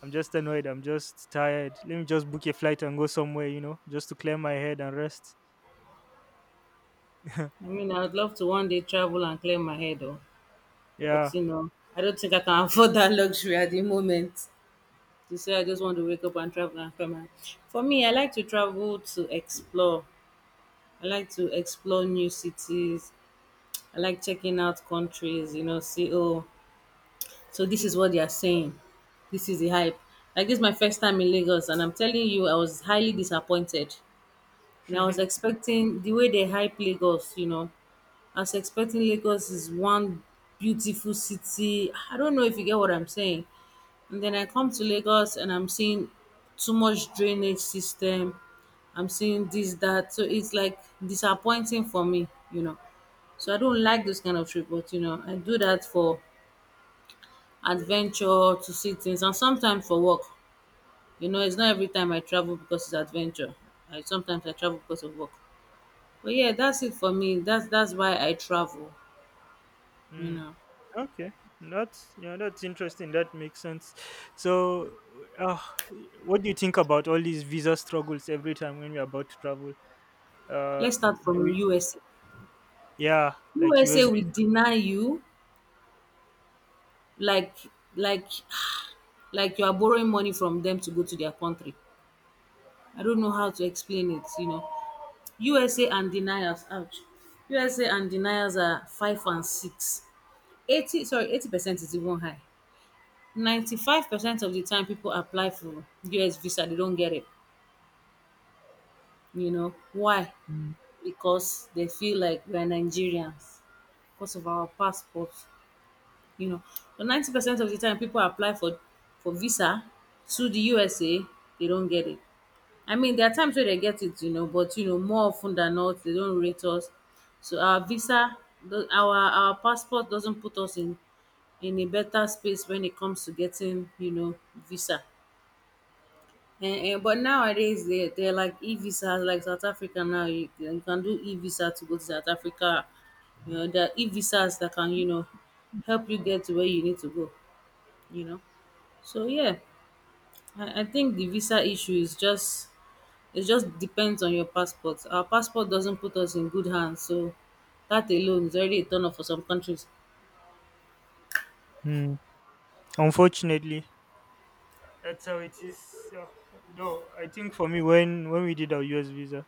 Speaker 1: I'm just annoyed. I'm just tired. Let me just book a flight and go somewhere. You know, just to clear my head and rest.
Speaker 2: I mean, I would love to one day travel and clear my head, oh, but
Speaker 1: Yeah. *laughs*
Speaker 2: you know, I don't think I can *laughs* afford that luxury at the moment. To say I just want to wake up and travel and clear my— For me, I like to travel to explore. I like to explore new cities. I like checking out countries, you know, see, oh, so this is what they are saying. This is the hype. Like, this is my first time in Lagos, and I'm telling you, I was highly disappointed. And I was expecting the way they hype Lagos, you know, as expecting Lagos is one beautiful city. I don't know if you get what I'm saying. And then I come to Lagos and I'm seeing too much drainage system. I'm seeing this, that. So it's like disappointing for me, you know. So I don't like this kind of trip, but you know, I do that for adventure, to see things, and sometimes for work. You know, it's not every time I travel because it's adventure. I sometimes I travel because of work. But yeah, that's it for me. That's why I travel, you
Speaker 1: Mm.
Speaker 2: know.
Speaker 1: Okay, that's that's interesting. That makes sense. So, uh, what do you think about all these visa struggles every time when we're about to travel? Uh,
Speaker 2: Let's start
Speaker 1: do
Speaker 2: from
Speaker 1: we?
Speaker 2: USA.
Speaker 1: Yeah, like US
Speaker 2: USA
Speaker 1: visa.
Speaker 2: will deny you like like like you are borrowing money from them to go to their country. I don't know how to explain it, you know. USA and deniers, ouch. USA and deniers are five and six. 80, sorry, 80% is even high. 95% of the time people apply for US visa, they don't get it. You know why?
Speaker 1: Mm.
Speaker 2: Because they feel like we're Nigerians because of our passports, you know. But 90% of the time, people apply for visa to the USA, they don't get it. I mean, there are times where they get it, you know, but you know, more often than not, they don't rate us. So our visa, the, our passport doesn't put us in a better space when it comes to getting, you know, visa. And but nowadays they they're like e visas, like South Africa now. You can do e visa to go to South Africa. You know, there are e visas that can you know help you get to where you need to go, you know, so yeah, I think the visa issue is just it just depends on your passport. Our passport doesn't put us in good hands, so that alone is already a turn off for some countries.
Speaker 1: Mm. Unfortunately, that's how it is. No, I think for me, when we did our US visa,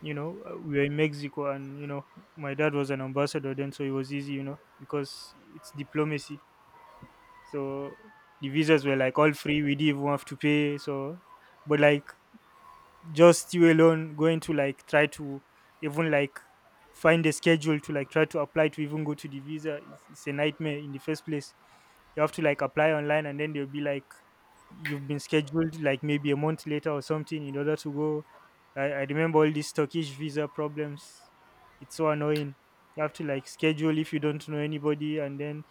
Speaker 1: you know, we were in Mexico, and you know, my dad was an ambassador then, so it was easy, you know, because it's diplomacy. So the visas were like all free. We didn't even have to pay. So, but like just you alone going to like try to even like find a schedule to like try to apply to even go to the visa is a nightmare in the first place. You have to like apply online, and then they'll be like, you've been scheduled like maybe a month later or something in order to go. I remember all these Turkish visa problems. It's so annoying. You have to like schedule if you don't know anybody, and then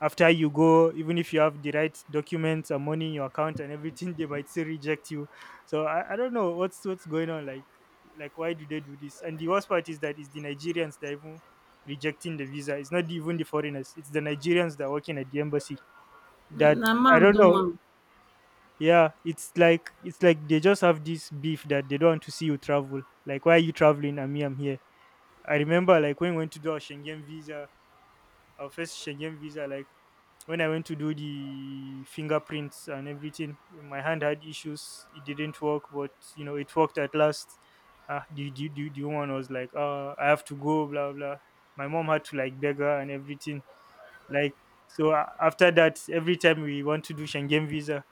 Speaker 1: after you go, even if you have the right documents and money in your account and everything, they might still reject you. So I don't know what's going on. Like why do they do this? And the worst part is that it's the Nigerians that are even rejecting the visa. It's not even the foreigners. It's the Nigerians that are working at the embassy,
Speaker 2: Na
Speaker 1: that
Speaker 2: na
Speaker 1: I
Speaker 2: ma'am
Speaker 1: don't
Speaker 2: do
Speaker 1: know.
Speaker 2: ma'am.
Speaker 1: Yeah, it's like, they just have this beef that they don't want to see you travel. Like, why are you traveling and me, I'm here? I remember like when we went to do our Schengen visa, like when I went to do the fingerprints and everything, my hand had issues. It didn't work, but you know, it worked at last. The, woman was like, I have to go, blah, blah. My mom had to like beg her and everything. Like, so after that, every time we want to do Schengen visa,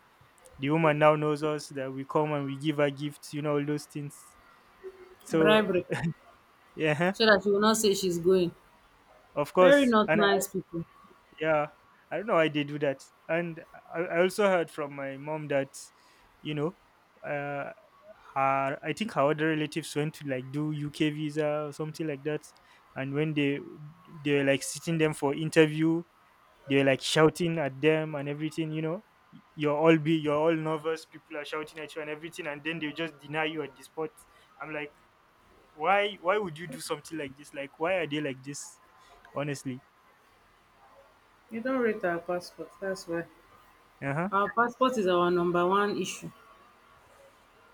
Speaker 1: the woman now knows us, that we come and we give her gifts, you know, all those things. So,
Speaker 2: Bribery,
Speaker 1: yeah, *laughs*
Speaker 2: so that she will not say she's going.
Speaker 1: of
Speaker 2: Very
Speaker 1: course.
Speaker 2: not
Speaker 1: And
Speaker 2: nice people.
Speaker 1: yeah, I don't know why they do that. And I also heard from my mom that you know uh I think her other relatives went to like do UK visa or something like that. And when they were like sitting them for interview, they were like shouting at them and everything. You know, you're all be you're all nervous, people are shouting at you and everything, and then they just deny you at the spot. I'm like, why, would you do something like this? Like, why are they like this, honestly?
Speaker 2: You don't rate our passport, that's why.
Speaker 1: Uh-huh.
Speaker 2: Our passport is our number one issue.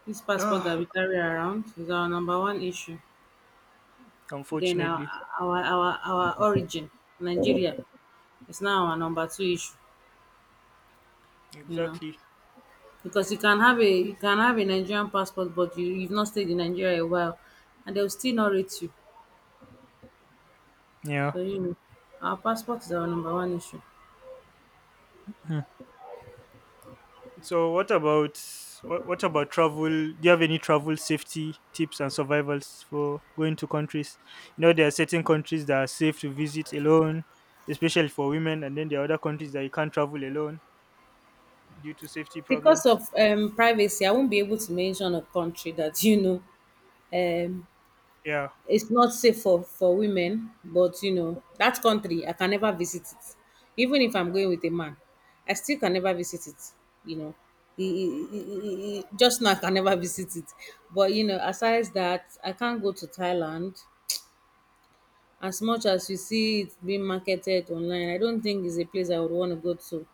Speaker 2: This passport that we
Speaker 1: *sighs*
Speaker 2: carry around is our number one issue. Then our
Speaker 1: Unfortunately.
Speaker 2: our our, our origin, Nigeria, is now our number two issue, you know,
Speaker 1: Exactly.
Speaker 2: because you can have a— you can have a Nigerian passport but you've not stayed in Nigeria a while and they'll still not rate you.
Speaker 1: Yeah.
Speaker 2: So you know, our passport is our number one issue.
Speaker 1: Hmm. So what about, what about travel? Do you have any travel safety tips and survivals for going to countries? You know, there are certain countries that are safe to visit alone, especially for women, and then there are other countries that you can't travel alone due to safety
Speaker 2: Because
Speaker 1: problems.
Speaker 2: of privacy, I won't be able to mention a country that you know, um
Speaker 1: Yeah.
Speaker 2: it's not safe for women, but you know, that country I can never visit it. Even if I'm going with a man, I still can never visit it. You know, just now I can never *laughs* visit it. But you know, aside that, I can't go to Thailand. As much as you see it being marketed online, I don't think it's a place I would want to go to.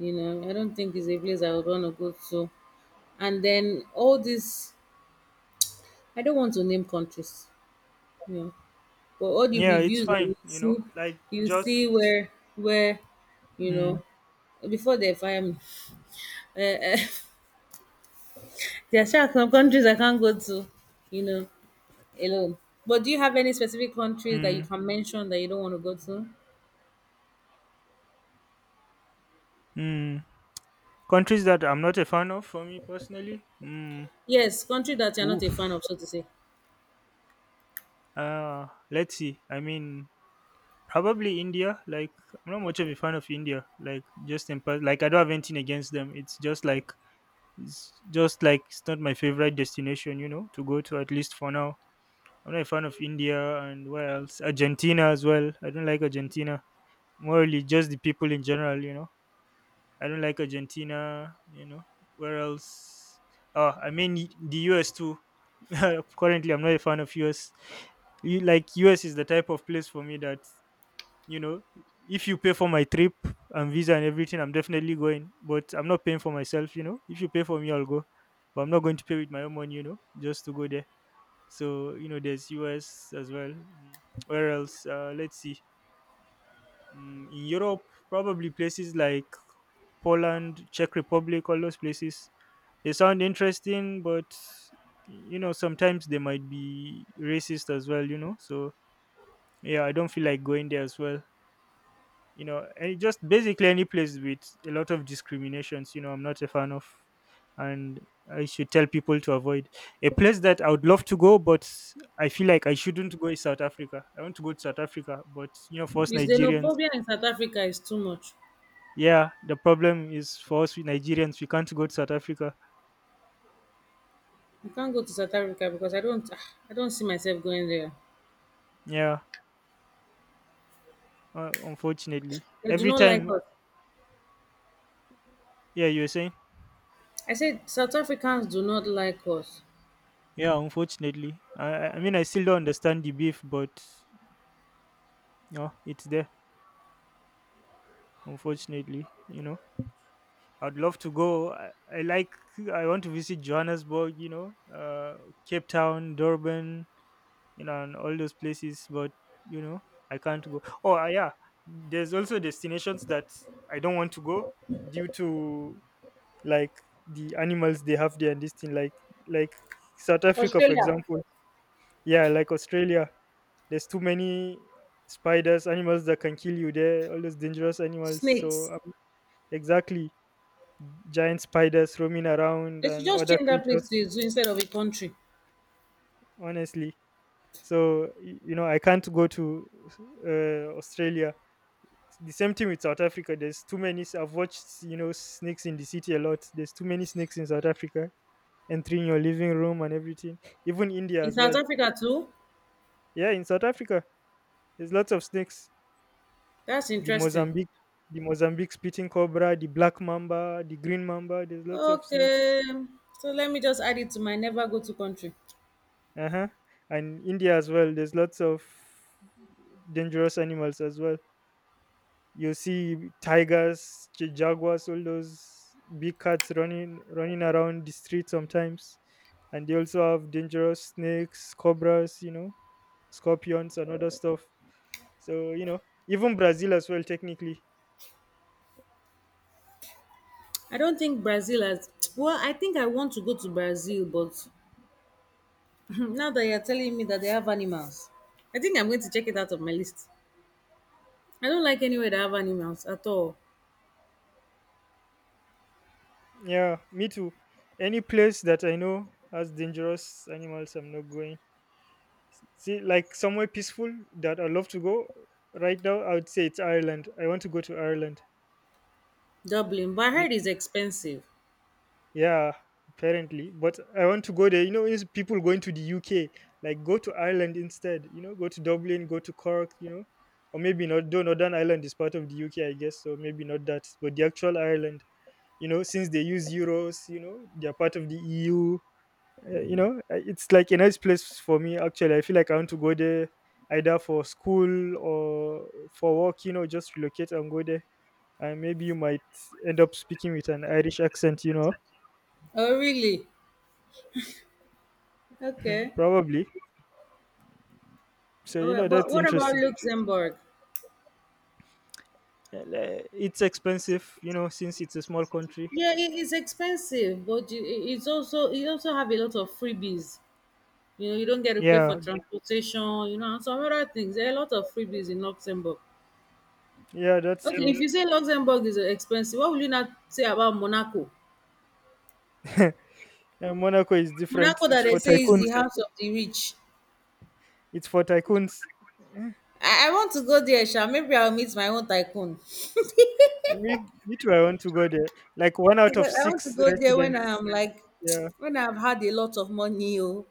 Speaker 2: You know, I don't think it's a place I would want to go to. And then all this, I don't want to name countries. You know, but all the
Speaker 1: Yeah, it's
Speaker 2: reviews that
Speaker 1: fine, you know. Like,
Speaker 2: you
Speaker 1: just
Speaker 2: see where you
Speaker 1: mm,
Speaker 2: know before they fire me. Uh, uh, *laughs* there are sha some countries I can't go to, you know, alone. But do you have any specific countries that you
Speaker 1: mm,
Speaker 2: can mention that you don't want to go to?
Speaker 1: mm. Countries that I'm not a fan of, for me personally.
Speaker 2: Yes, country that you're not a fan
Speaker 1: Oof.
Speaker 2: of, so to say.
Speaker 1: Let's see. I mean, probably India. Like, I'm not much of a fan of India. Like, just in part, like I don't have anything against them. It's just like, it's not my favorite destination, you know, to go to, at least for now. I'm not a fan of India. And where else? Argentina as well. I don't like Argentina. Morally, just the people in general, you know. I don't like Argentina, you know. Where else? Oh, I mean, the US too. *laughs* Currently, I'm not a fan of US. You, US is the type of place for me that, you know, if you pay for my trip and visa and everything, I'm definitely going, but I'm not paying for myself. You know, if you pay for me, I'll go, but I'm not going to pay with my own money, you know, just to go there. So you know, there's US as well. Where else? Let's see. In Europe, probably places like Poland, Czech Republic, all those places. They sound interesting, but you know, sometimes they might be racist as well, you know. So yeah, I don't feel like going there as well, you know. And just basically any place with a lot of discriminations, you know, I'm not a fan of. And I should tell people to avoid. A place that I would love to go, but I feel like I shouldn't go, is South Africa. I want to go to South Africa, but you know, for us
Speaker 2: Because
Speaker 1: Nigerians.
Speaker 2: xenophobia in South Africa is too much.
Speaker 1: Yeah, the problem is, for us, we Nigerians, we can't go to South Africa.
Speaker 2: I can't go to South Africa because I don't *sighs* I don't see myself going there.
Speaker 1: Yeah. Unfortunately,
Speaker 2: They do
Speaker 1: every
Speaker 2: not like
Speaker 1: time.
Speaker 2: us.
Speaker 1: Yeah, you're saying.
Speaker 2: I said South Africans do not like us.
Speaker 1: Yeah, unfortunately, I mean, I still don't understand the beef, but you know, it's there, unfortunately, you know. I'd love to go. I like. I want to visit Johannesburg. You know, Cape Town, Durban. You know, and all those places. But you know, I can't go. Oh, yeah, there's also destinations that I don't want to go due to, like, the animals they have there and this thing. Like, like South Africa, for
Speaker 2: Australia.
Speaker 1: example. Yeah, like Australia. There's too many spiders, animals that can kill you there. All those dangerous animals. So
Speaker 2: Snakes.
Speaker 1: exactly. Giant spiders roaming around
Speaker 2: They should
Speaker 1: and
Speaker 2: just
Speaker 1: other
Speaker 2: change that place
Speaker 1: creatures,
Speaker 2: to a zoo instead of a country.
Speaker 1: honestly. So you know, I can't go to, Australia. It's the same thing with South Africa. There's too many I've watched, you know, snakes in the city a lot. There's too many snakes in South Africa entering your living room and everything. *laughs* Even India
Speaker 2: In
Speaker 1: as well.
Speaker 2: South Africa too?
Speaker 1: Yeah, in South Africa, there's lots of snakes.
Speaker 2: That's
Speaker 1: The
Speaker 2: interesting.
Speaker 1: Mozambique, spitting cobra, the black mamba, the green mamba. There's lots of snakes.
Speaker 2: Okay, so let me just add it to my never go to country.
Speaker 1: Uh-huh. And India as well, there's lots of dangerous animals as well. You see tigers, jaguars, all those big cats running around the street sometimes. And they also have dangerous snakes, cobras, you know, scorpions and other stuff. So you know, even Brazil as well, technically.
Speaker 2: I don't think Brazil has. Well, I think I want to go to Brazil, but *laughs* now that you're telling me that they have animals, I think I'm going to check it out of my list. I don't like anywhere that have animals at all.
Speaker 1: Yeah, me too. Any place that I know has dangerous animals, I'm not going. See, like, somewhere peaceful that I love to go right now, I would say it's Ireland. I want to go to Ireland.
Speaker 2: Dublin, but I
Speaker 1: Y-
Speaker 2: heard it's expensive.
Speaker 1: Yeah, apparently, but I want to go there. You know, is people going to the UK, like go to Ireland instead. You know, go to Dublin, go to Cork. You know, or maybe not. Though Northern Ireland is part of the UK, I guess. So maybe not that, but the actual Ireland. You know, since they use euros, you know, they are part of the EU. It's like a nice place for me. Actually, I feel like I want to go there either for school or for work. You know, just relocate and go there. And maybe you might end up speaking with an Irish accent. You know,
Speaker 2: Oh, really? Okay.
Speaker 1: probably. So
Speaker 2: All
Speaker 1: you know,
Speaker 2: right, but
Speaker 1: that's
Speaker 2: what about
Speaker 1: interesting.
Speaker 2: Luxembourg?
Speaker 1: It's expensive, you know, since it's a small country.
Speaker 2: Yeah, it is expensive, but you- it- it's also you also have a lot of freebies. You know, you don't get to pay for
Speaker 1: Yeah,
Speaker 2: transportation, you know, and some other things. There are a lot of freebies in Luxembourg.
Speaker 1: yeah, that's
Speaker 2: Okay,
Speaker 1: true.
Speaker 2: if you say Luxembourg is expensive, what will you not say about Monaco?
Speaker 1: And Monaco is different.
Speaker 2: Monaco
Speaker 1: It's
Speaker 2: that they
Speaker 1: for
Speaker 2: say is
Speaker 1: tycoons.
Speaker 2: the house of the rich.
Speaker 1: It's for tycoons. Eh,
Speaker 2: I want to go there, Sha. Maybe I'll meet my own tycoon.
Speaker 1: Me, too. I want to go there. Like, one out of
Speaker 2: Because I want to
Speaker 1: six
Speaker 2: go there when
Speaker 1: residents.
Speaker 2: I'm like
Speaker 1: Yeah.
Speaker 2: *tsk* when I've had a lot of money, oh,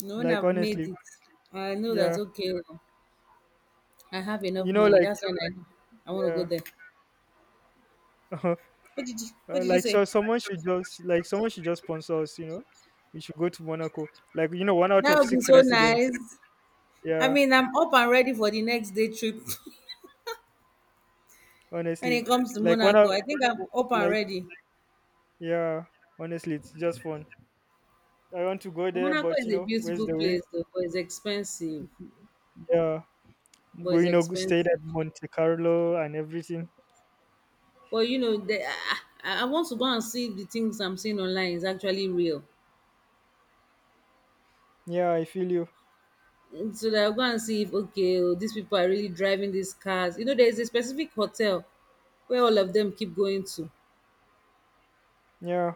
Speaker 2: you know, when
Speaker 1: Like,
Speaker 2: I've made
Speaker 1: honestly,
Speaker 2: it. I know that,
Speaker 1: yeah,
Speaker 2: okay. Oh, I have
Speaker 1: you
Speaker 2: enough
Speaker 1: know,
Speaker 2: money.
Speaker 1: like,
Speaker 2: That's when I want to go
Speaker 1: yeah,
Speaker 2: there.
Speaker 1: *laughs* uh,
Speaker 2: What did you— What did you say?
Speaker 1: someone should just sponsor us. You know, we should go to Monaco. Like, you know, one out
Speaker 2: That
Speaker 1: of
Speaker 2: would be
Speaker 1: six
Speaker 2: so
Speaker 1: residents.
Speaker 2: nice. I
Speaker 1: Yeah,
Speaker 2: mean, I'm up and ready for the next day trip. *laughs* When
Speaker 1: honestly,
Speaker 2: it comes to
Speaker 1: like one
Speaker 2: Monaco,
Speaker 1: out,
Speaker 2: I think I'm up and
Speaker 1: like
Speaker 2: ready.
Speaker 1: yeah, honestly, it's just fun. I want to go
Speaker 2: But
Speaker 1: there,
Speaker 2: Monaco
Speaker 1: but you
Speaker 2: is a
Speaker 1: know, where's
Speaker 2: beautiful
Speaker 1: the way?
Speaker 2: place, though, but it's expensive.
Speaker 1: Yeah,
Speaker 2: But
Speaker 1: go,
Speaker 2: it's
Speaker 1: you know, go
Speaker 2: expensive.
Speaker 1: stayed at Monte Carlo and everything.
Speaker 2: But you know, I want to go and see if the things I'm seeing online is actually real.
Speaker 1: Yeah, I feel you.
Speaker 2: So that I'll go and see if okay, oh, these people are really driving these cars. You know, there is a specific hotel where all of them keep going to.
Speaker 1: Yeah,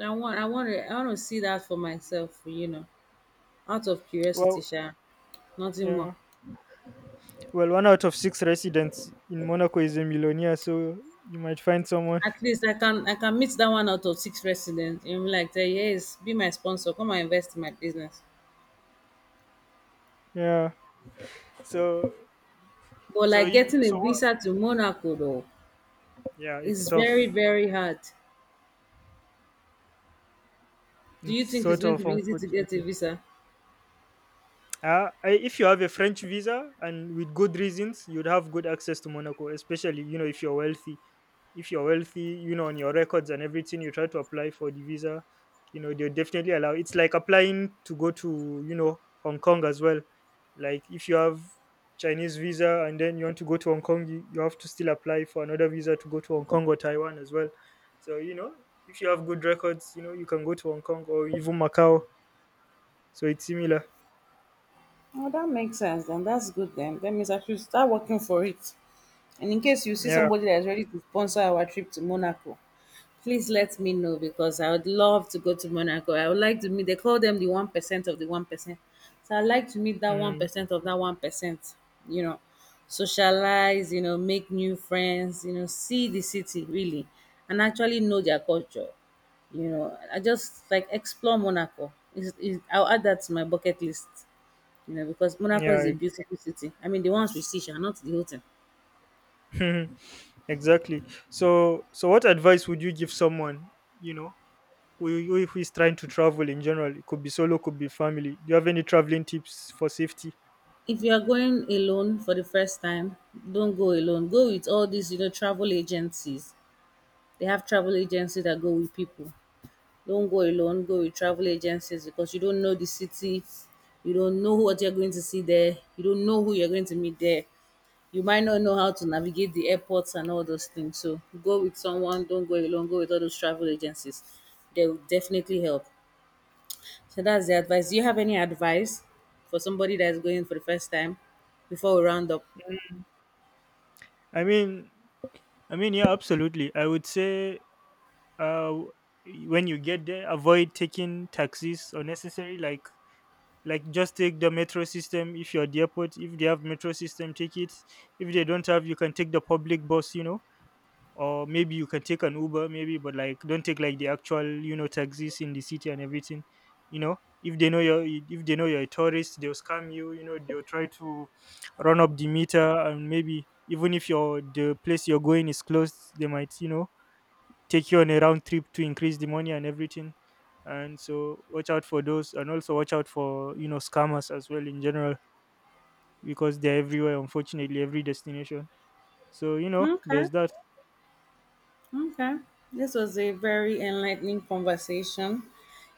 Speaker 2: I want to see that for myself, you know, out of curiosity,
Speaker 1: well,
Speaker 2: sha, nothing more.
Speaker 1: yeah. Well, one out of six residents in Monaco is a millionaire, so you might find someone.
Speaker 2: At
Speaker 1: *laughs*
Speaker 2: least I can meet that one out of six residents and be like, say, yes, be my sponsor, come and invest in my business.
Speaker 1: Yeah. So,
Speaker 2: But
Speaker 1: so
Speaker 2: like
Speaker 1: you
Speaker 2: getting a
Speaker 1: so what?
Speaker 2: visa to Monaco though
Speaker 1: Yeah, it's
Speaker 2: is
Speaker 1: tough.
Speaker 2: very, very hard. Do
Speaker 1: It's
Speaker 2: you think it's
Speaker 1: sort
Speaker 2: going
Speaker 1: of
Speaker 2: to be easy to get a
Speaker 1: unfortunately.
Speaker 2: visa?
Speaker 1: If you have a French visa and with good reasons, you'd have good access to Monaco, especially you know if you're wealthy. If you're wealthy, you know, on your records and everything, you try to apply for the visa, you know they'll definitely allow. It's like applying to go to, you know, Hong Kong as well. Like, if you have Chinese visa and then you want to go to Hong Kong, you have to still apply for another visa to go to Hong Kong or Taiwan as well. So you know, if you have good records, you know you can go to Hong Kong or even Macau. So it's similar.
Speaker 2: Oh, that makes sense then. That's good then. That means I should start working for it. And in case you see
Speaker 1: Yeah.
Speaker 2: somebody that is ready to sponsor our trip to Monaco, please let me know because I would love to go to Monaco. I would like to meet, they call them the 1% of the 1%. So I'd like to meet that
Speaker 1: mm,
Speaker 2: 1% of that 1%, you know, socialize, you know, make new friends, you know, see the city really and actually know their culture. You know, I just like explore Monaco. I'll add that to my bucket list. You know, because Monaco is
Speaker 1: yeah.
Speaker 2: a beautiful city. I mean, the ones we see, sha, not the whole thing.
Speaker 1: *laughs* Exactly. So, what advice would you give someone, you know, if he's trying to travel in general? It could be solo, could be family. Do you have any traveling tips for safety?
Speaker 2: If you are going alone for the first time, don't go alone. Go with all these, you know, travel agencies. They have travel agencies that go with people. Don't go alone. Go with travel agencies because you don't know the city. You don't know what you're going to see there. You don't know who you're going to meet there. You might not know how to navigate the airports and all those things. So go with someone. Don't go alone. Go with all those travel agencies. They will definitely help. So that's the advice. Do you have any advice for somebody that is going for the first time before we round up?
Speaker 1: i mean yeah, absolutely. I would say, uh w- when you get there, avoid taking taxis unnecessary. Like, just take the metro system. If you're at the airport, if they have metro system, take it. If they don't have, you can take the public bus, you know. Or maybe you can take an Uber, maybe. But like, don't take like the actual, you know, taxis in the city and everything. You know, if they know you're, a tourist, they'll scam you. You know, they'll try to run up the meter, and maybe even if your the place you're going is closed, they might, you know, take you on a round trip to increase the money and everything. And so watch out for those, and also watch out for, you know, scammers as well in general, because they're everywhere unfortunately, every destination. So you know,
Speaker 2: Okay.
Speaker 1: there's that.
Speaker 2: Okay. This was a very enlightening conversation.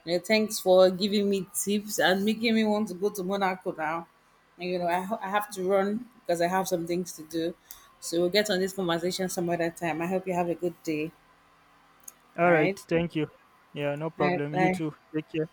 Speaker 2: You know, thanks for giving me tips and making me want to go to Monaco now. And, you know, I have to run because I have some things to do. So we'll get on this conversation some other time. I hope you have a good day. All
Speaker 1: All right.
Speaker 2: right.
Speaker 1: Thank you. Yeah, no
Speaker 2: All right.
Speaker 1: problem. You
Speaker 2: Bye.
Speaker 1: too. Take care.